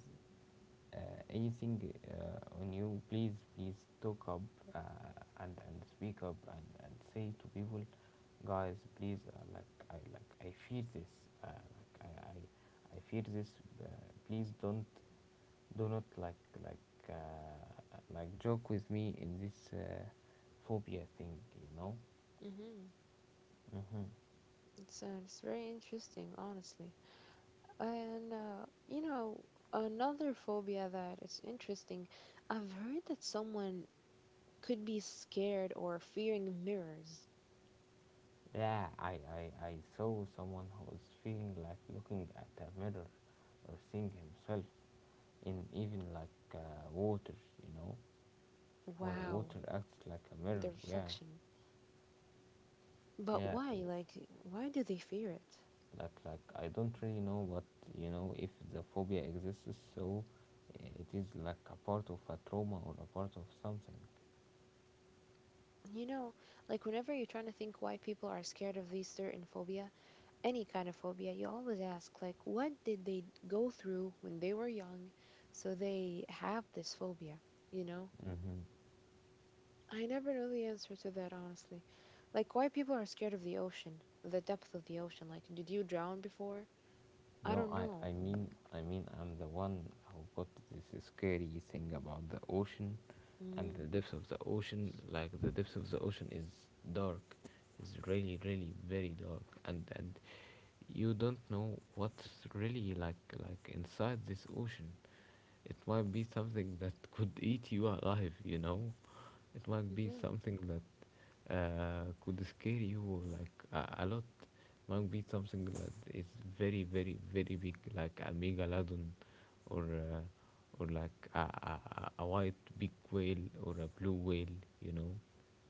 Speaker 1: uh, anything uh, on you, please please talk up, uh, and and speak up, and and say to people, guys, please, uh, like I like I fear this. Uh, like I I I fear this. Uh, please don't, do not like like uh, like joke with me in this, uh, phobia thing, you know.
Speaker 2: Hmm.
Speaker 1: hmm
Speaker 2: It's, uh, it's very interesting, honestly. And, uh, you know, another phobia that is interesting, I've heard that someone could be scared or fearing mirrors.
Speaker 1: yeah, I, I i saw someone who was feeling like looking at a mirror or seeing himself in, even like uh, water, you know, when
Speaker 2: Wow,
Speaker 1: water acts like a
Speaker 2: the
Speaker 1: mirror. Yeah.
Speaker 2: reflection. But
Speaker 1: yeah I,
Speaker 2: why? Like, why do they fear it?
Speaker 1: like like I don't really know what, you know, if the phobia exists, so uh, it is like a part of a trauma or a part of something.
Speaker 2: You know, like whenever you're trying to think why people are scared of these certain phobia, any kind of phobia, you always ask, like, what did they go through when they were young so they have this phobia, you know?
Speaker 1: Hmm.
Speaker 2: I never know the answer to that, honestly. Like, why people are scared of the ocean, the depth of the ocean. Like, did you drown before? I
Speaker 1: No,
Speaker 2: don't
Speaker 1: I,
Speaker 2: know.
Speaker 1: I mean, I mean, I'm the one who got this scary thing about the ocean and
Speaker 2: Hmm.
Speaker 1: the depths of the ocean. Like the depths of the ocean is dark, is really, really very dark, and and you don't know what's really like like inside this ocean. It might be something that could eat you alive, you know. It might be
Speaker 2: Hmm.
Speaker 1: something that uh, could scare you like a, a lot. Might be something that is very, very, very big, like a megalodon, or uh, or like a, a a a white big whale or a blue whale. You know,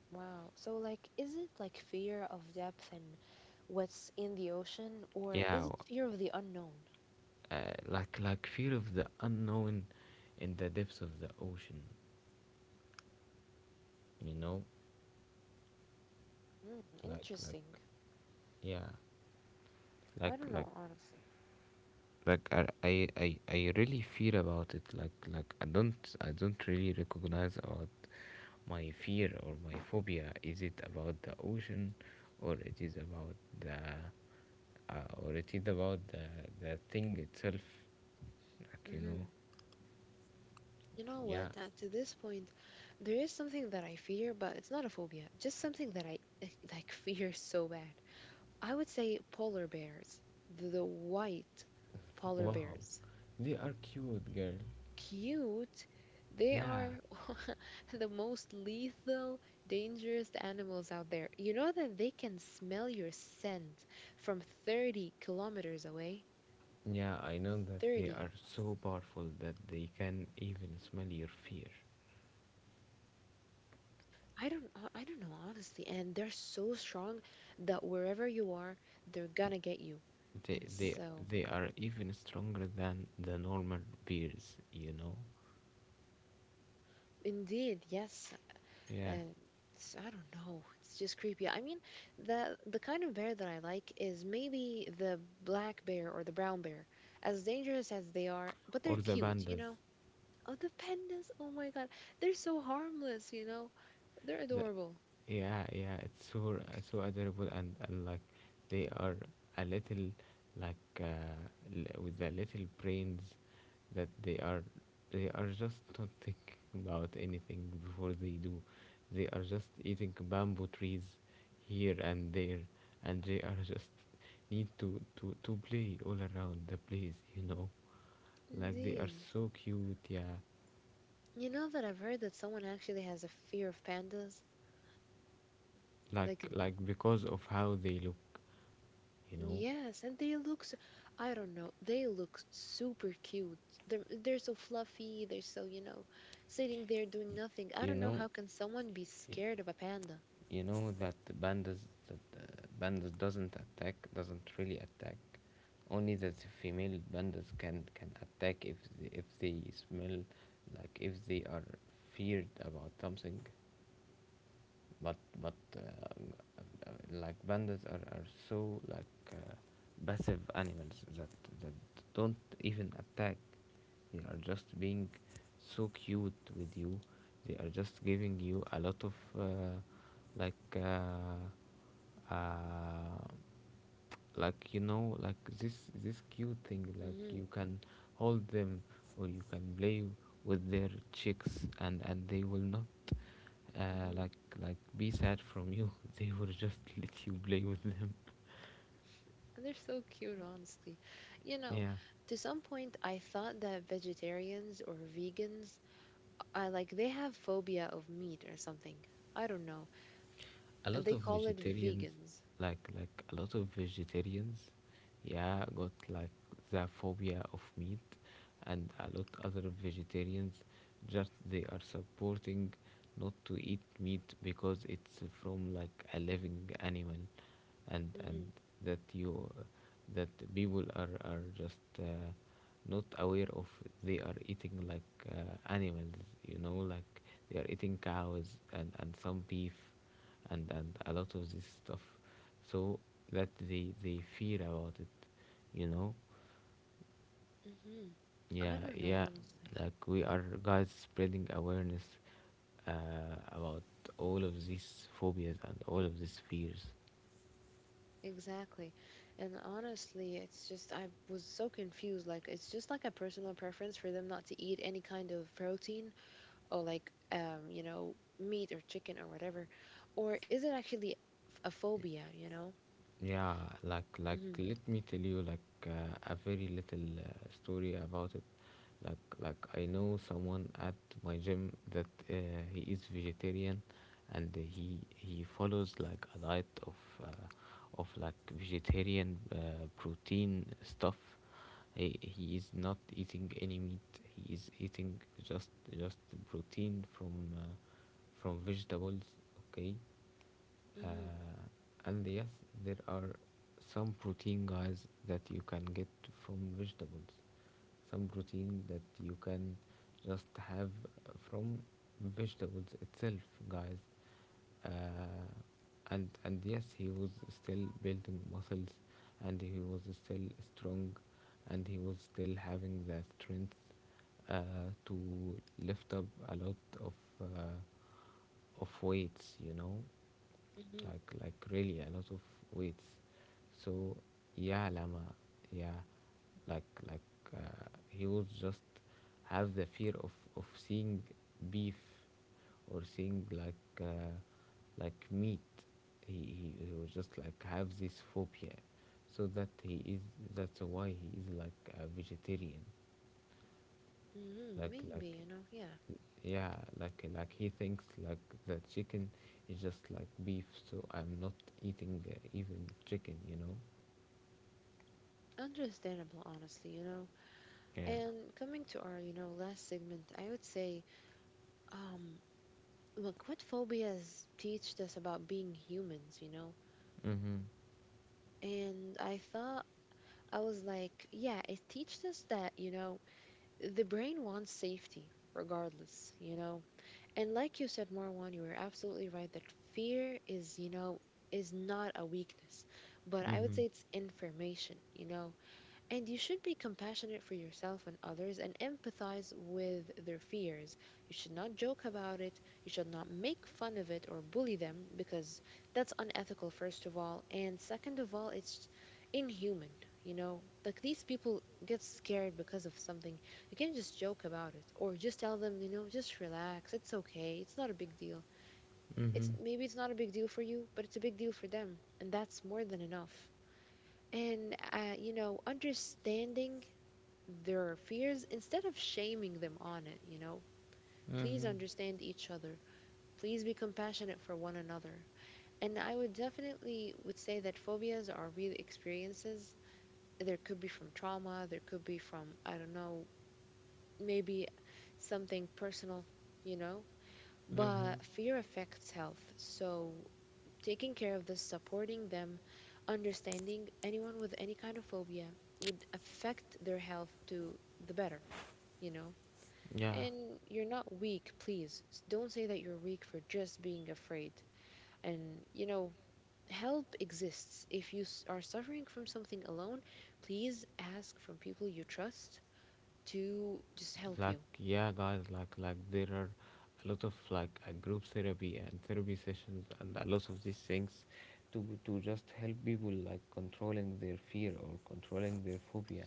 Speaker 2: Wow. So, like, is it like fear of depth and what's in the ocean, or
Speaker 1: yeah,
Speaker 2: is it
Speaker 1: w-
Speaker 2: fear of the unknown?
Speaker 1: uh, like like fear of the unknown in the depths of the ocean. You know,
Speaker 2: Mm,
Speaker 1: like like
Speaker 2: interesting.
Speaker 1: yeah,
Speaker 2: I
Speaker 1: like
Speaker 2: don't know,
Speaker 1: like
Speaker 2: honestly.
Speaker 1: like I I I I really fear about it. Like like I don't, I don't really recognize about my fear or my phobia, is it about the ocean, or it is about the, uh, or it is about the the thing itself, like, you know.
Speaker 2: Hmm. You know
Speaker 1: Yeah.
Speaker 2: what? Uh, to this point, there is something that I fear, but it's not a phobia. Just something that I eh, like fear so bad. I would say polar bears, the, the white polar
Speaker 1: Wow,
Speaker 2: bears.
Speaker 1: they are cute, girl.
Speaker 2: Cute. They
Speaker 1: Yeah,
Speaker 2: are the most lethal, dangerous animals out there. You know that they can smell your scent from thirty kilometers away?
Speaker 1: yeah, I know that they
Speaker 2: thirty.
Speaker 1: are so powerful that they can even smell your fear.
Speaker 2: I don't uh, I don't know honestly and they're so strong that wherever you are they're gonna get you.
Speaker 1: they
Speaker 2: And
Speaker 1: they
Speaker 2: so
Speaker 1: they are even stronger than the normal bears, you know.
Speaker 2: indeed, yes.
Speaker 1: Yeah,
Speaker 2: And it's- I don't know. It's just creepy. I mean, the the kind of bear that I like is maybe the black bear or the brown bear. As dangerous as they are, but they're
Speaker 1: or the
Speaker 2: cute, you
Speaker 1: pandas.
Speaker 2: know? Oh, the pandas. Oh my God. They're so harmless, you know? They're
Speaker 1: the,
Speaker 2: adorable.
Speaker 1: Yeah, yeah, it's so so adorable, and, and like they are a little, like, uh, l- with the little brains, that they are, they are just not thinking about anything before they do. They are just eating bamboo trees here and there, and they are just need to to to play all around the place, you know. Like they are
Speaker 2: Indeed.
Speaker 1: so cute, yeah.
Speaker 2: You know that I've heard that someone actually has a fear of pandas? Like
Speaker 1: Like like because of how they look, you know,
Speaker 2: Yes, and they look so, I don't know, they look super cute. They're they're so fluffy, they're so, you know, sitting there doing nothing. I
Speaker 1: you
Speaker 2: don't know
Speaker 1: know.
Speaker 2: how can someone be scared of a panda.
Speaker 1: You know that the pandas, that the pandas doesn't attack, doesn't really attack, only that the female pandas can can attack if they, if they smell like, if they are feared about something, but, but uh, uh, like pandas are, are so like, uh, passive animals, that that don't even attack. They are just being so cute with you. They are just giving you a lot of, uh, like uh, uh, like you know, like this this cute thing, like
Speaker 2: Hmm.
Speaker 1: you can hold them, or you can play with their cheeks, and and they will not uh,
Speaker 2: Hmm.
Speaker 1: like like be sad from you. They will just let you play with them.
Speaker 2: And they're so cute, honestly. You know,
Speaker 1: Yeah.
Speaker 2: to some point I thought that vegetarians or vegans, I like they have phobia of meat or something. I don't know.
Speaker 1: A
Speaker 2: And
Speaker 1: lot
Speaker 2: they
Speaker 1: of
Speaker 2: call it
Speaker 1: vegetarians,
Speaker 2: vegans.
Speaker 1: like like a lot of vegetarians, yeah, got like the phobia of meat. And a lot other vegetarians, just, they are supporting not to eat meat because it's from like a living animal, and
Speaker 2: Hmm.
Speaker 1: and that you, that people are are just, uh, not aware of. They are eating like, uh, animals, you know, like they are eating cows, and and some beef, and and a lot of this stuff, so that they they fear about it, you know.
Speaker 2: Hmm. I
Speaker 1: Yeah,
Speaker 2: don't know,
Speaker 1: yeah,
Speaker 2: honestly.
Speaker 1: like we are, guys, spreading awareness, uh, about all of these phobias and all of these fears.
Speaker 2: Exactly. And honestly, it's just, I was so confused. Like, it's just like a personal preference for them not to eat any kind of protein or like, um, you know, meat or chicken or whatever. Or is it actually f- a phobia, you know?
Speaker 1: Yeah, like like
Speaker 2: Mm-hmm.
Speaker 1: let me tell you, like, uh, a very little, uh, story about it. Like like I know someone at my gym that, uh, he is vegetarian, and he he follows like a diet of, uh, of like vegetarian, uh, protein stuff. He he is not eating any meat. He is eating just just protein from, uh, from vegetables. Okay,
Speaker 2: Mm-hmm.
Speaker 1: uh, and yes, there are some protein, guys, that you can get from vegetables, some protein that you can just have from vegetables itself, guys, uh, and and yes, he was still building muscles, and he was still strong, and he was still having the strength, uh, to lift up a lot of, uh, of weights, you know,
Speaker 2: Mm-hmm.
Speaker 1: like like really a lot of weights. So yeah, Lama. Yeah, like like uh, he would just have the fear of, of seeing beef, or seeing like, uh, like meat. he, he he would just like have this phobia, so that he is, that's why he is like a vegetarian.
Speaker 2: Mm-hmm.
Speaker 1: like like
Speaker 2: Maybe, you know, yeah.
Speaker 1: yeah, like like he thinks like the chicken is just like beef, so I'm not eating, uh, even chicken, you know.
Speaker 2: Understandable, honestly, you know.
Speaker 1: Yeah.
Speaker 2: And coming to our, you know, last segment, I would say, um, look, what phobias teach us about being humans, you know?
Speaker 1: Mhm.
Speaker 2: And I thought I was like, yeah, it teaches us that, you know, the brain wants safety regardless, you know. And like you said, Marwan, you were absolutely right that fear is, you know, is not a weakness, but I would
Speaker 1: Mhm.
Speaker 2: say it's information, you know. And you should be compassionate for yourself and others and empathize with their fears. You should not joke about it. You should not make fun of it or bully them because that's unethical, first of all. And second of all, it's inhuman. You know, like these people get scared because of something. You can't just joke about it or just tell them, you know, just relax. It's okay. It's not a big deal. It's
Speaker 1: Mhm.
Speaker 2: maybe it's not a big deal for you, but it's a big deal for them. And that's more than enough. And, uh, you know, understanding their fears instead of shaming them on it, you know. Please understand each other. Please be compassionate for one another. And I would definitely would say that phobias are real experiences. There could be from trauma, there could be from I don't know, maybe something personal, you know. But fear affects health. So taking care of this, supporting them, understanding anyone with any kind of phobia would affect their health to the better you know.
Speaker 1: Yeah.
Speaker 2: And you're not weak, please. S- Don't say that you're weak for just being afraid. And, you know, help exists. If you s- are suffering from something alone, please ask from people you trust to just help you.
Speaker 1: Like, yeah, guys, like like there are a lot of like a group therapy and therapy sessions and a lot of these things, to to just help people like controlling their fear or controlling their phobia,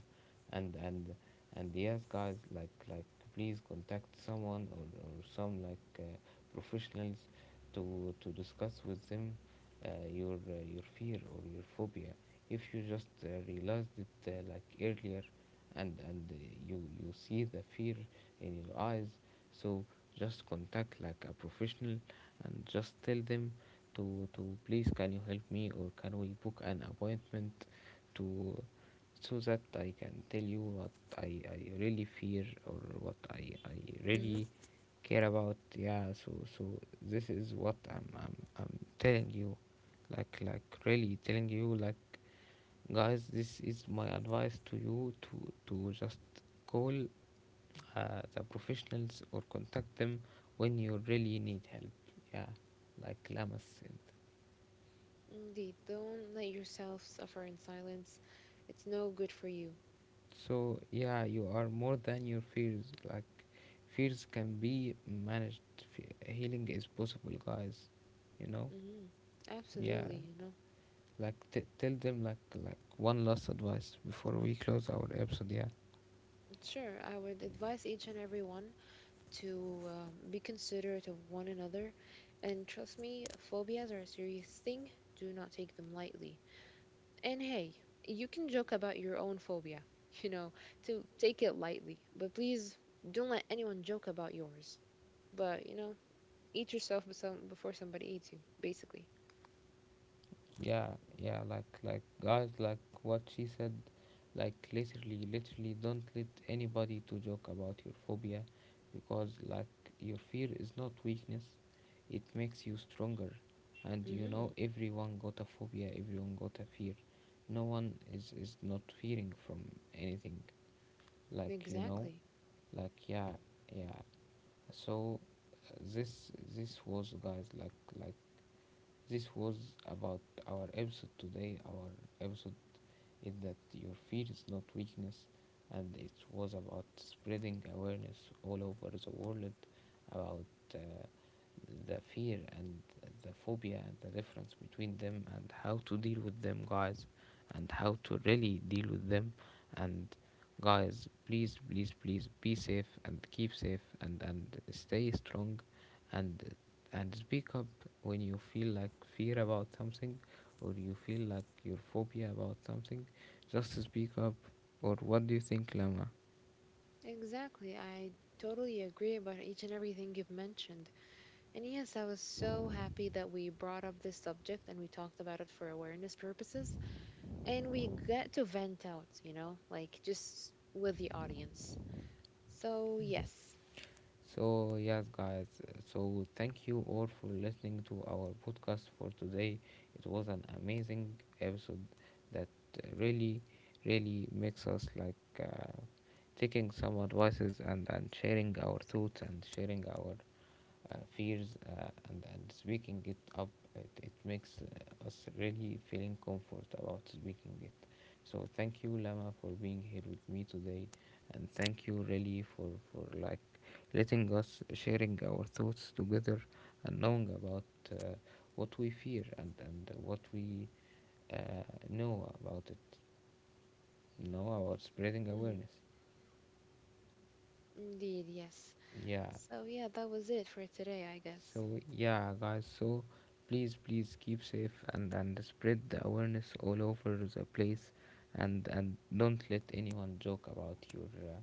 Speaker 1: and and and yes, guys, like like please contact someone, or, or some like, uh, professionals, to to discuss with them, uh, your, uh, your fear or your phobia, if you just, uh, realized it, uh, like earlier, and and uh, you, you see the fear in your eyes, so just contact like a professional, and just tell them to to please, can you help me, or can we book an appointment, to, so that I can tell you what I, I really fear, or what I, I
Speaker 2: Hmm.
Speaker 1: really care about. Yeah, so, so this is what I'm, I'm I'm telling you, like like really telling you, like, guys, this is my advice to you, to to just call, uh, the professionals, or contact them when you really need help. Yeah, like Lamas said.
Speaker 2: Indeed. Don't let yourself suffer in silence. It's no good for you.
Speaker 1: So yeah, you are more than your fears. Like, fears can be managed. Fe- healing is possible, guys. You know.
Speaker 2: Hmm.
Speaker 1: Yeah.
Speaker 2: Absolutely, you know.
Speaker 1: Like, t- tell them, like, like one last advice before we close our episode. Yeah.
Speaker 2: Sure, I would advise each and everyone to um, be considerate of one another. And trust me, phobias are a serious thing. Do not take them lightly. And hey, you can joke about your own phobia, you know, to take it lightly. But please don't let anyone joke about yours. But, you know, eat yourself be- some- before somebody eats you, basically.
Speaker 1: Yeah, yeah, like like guys, like what she said, like literally, literally, don't let anybody to joke about your phobia, because, like, your fear is not weakness, it makes you stronger. And you
Speaker 2: Mm-hmm.
Speaker 1: know, everyone got a phobia, everyone got a fear. No one is is not fearing from anything, like, you know.
Speaker 2: Exactly.
Speaker 1: Like, yeah, yeah. So, uh, this this was, guys, like like this was about our episode today. Our episode is that your fear is not weakness, and it was about spreading awareness all over the world about, uh, the fear and the phobia and the difference between them and how to deal with them, guys, and how to really deal with them. And guys, please, please, please be safe, and keep safe, and, and stay strong, and and speak up when you feel like fear about something or you feel like your phobia about something, just speak up. Or what do you think, Lama?
Speaker 2: Exactly. I totally agree about each and everything you've mentioned. And yes, I was so happy that we brought up this subject and we talked about it for awareness purposes. And we get to vent out, you know, like just with the audience. So, yes.
Speaker 1: So yes, guys, so thank you all for listening to our podcast for today. It was an amazing episode, that really, really makes us like, uh, taking some advices, and and sharing our thoughts, and sharing our, uh, fears, uh, and, and speaking it up. It, it makes, uh, us really feeling comfort about speaking it. So thank you, Lama, for being here with me today, and thank you really, for for like letting us sharing our thoughts together, and knowing about, uh, what we fear, and and what we, uh, know about it, know about spreading
Speaker 2: Mhm.
Speaker 1: awareness.
Speaker 2: Indeed, yes.
Speaker 1: Yeah.
Speaker 2: So, yeah, that was it for today, I guess.
Speaker 1: So yeah, guys. So please, please keep safe, and and spread the awareness all over the place, and and don't let anyone joke about your, uh,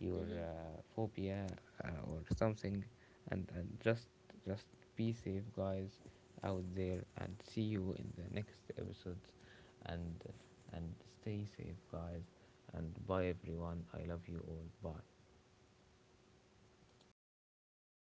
Speaker 1: your,
Speaker 2: Mhm.
Speaker 1: uh, phobia, uh, or something, and and just just be safe, guys, out there, and see you in the next episodes, and and stay safe, guys, and bye, everyone. I love you all. Bye.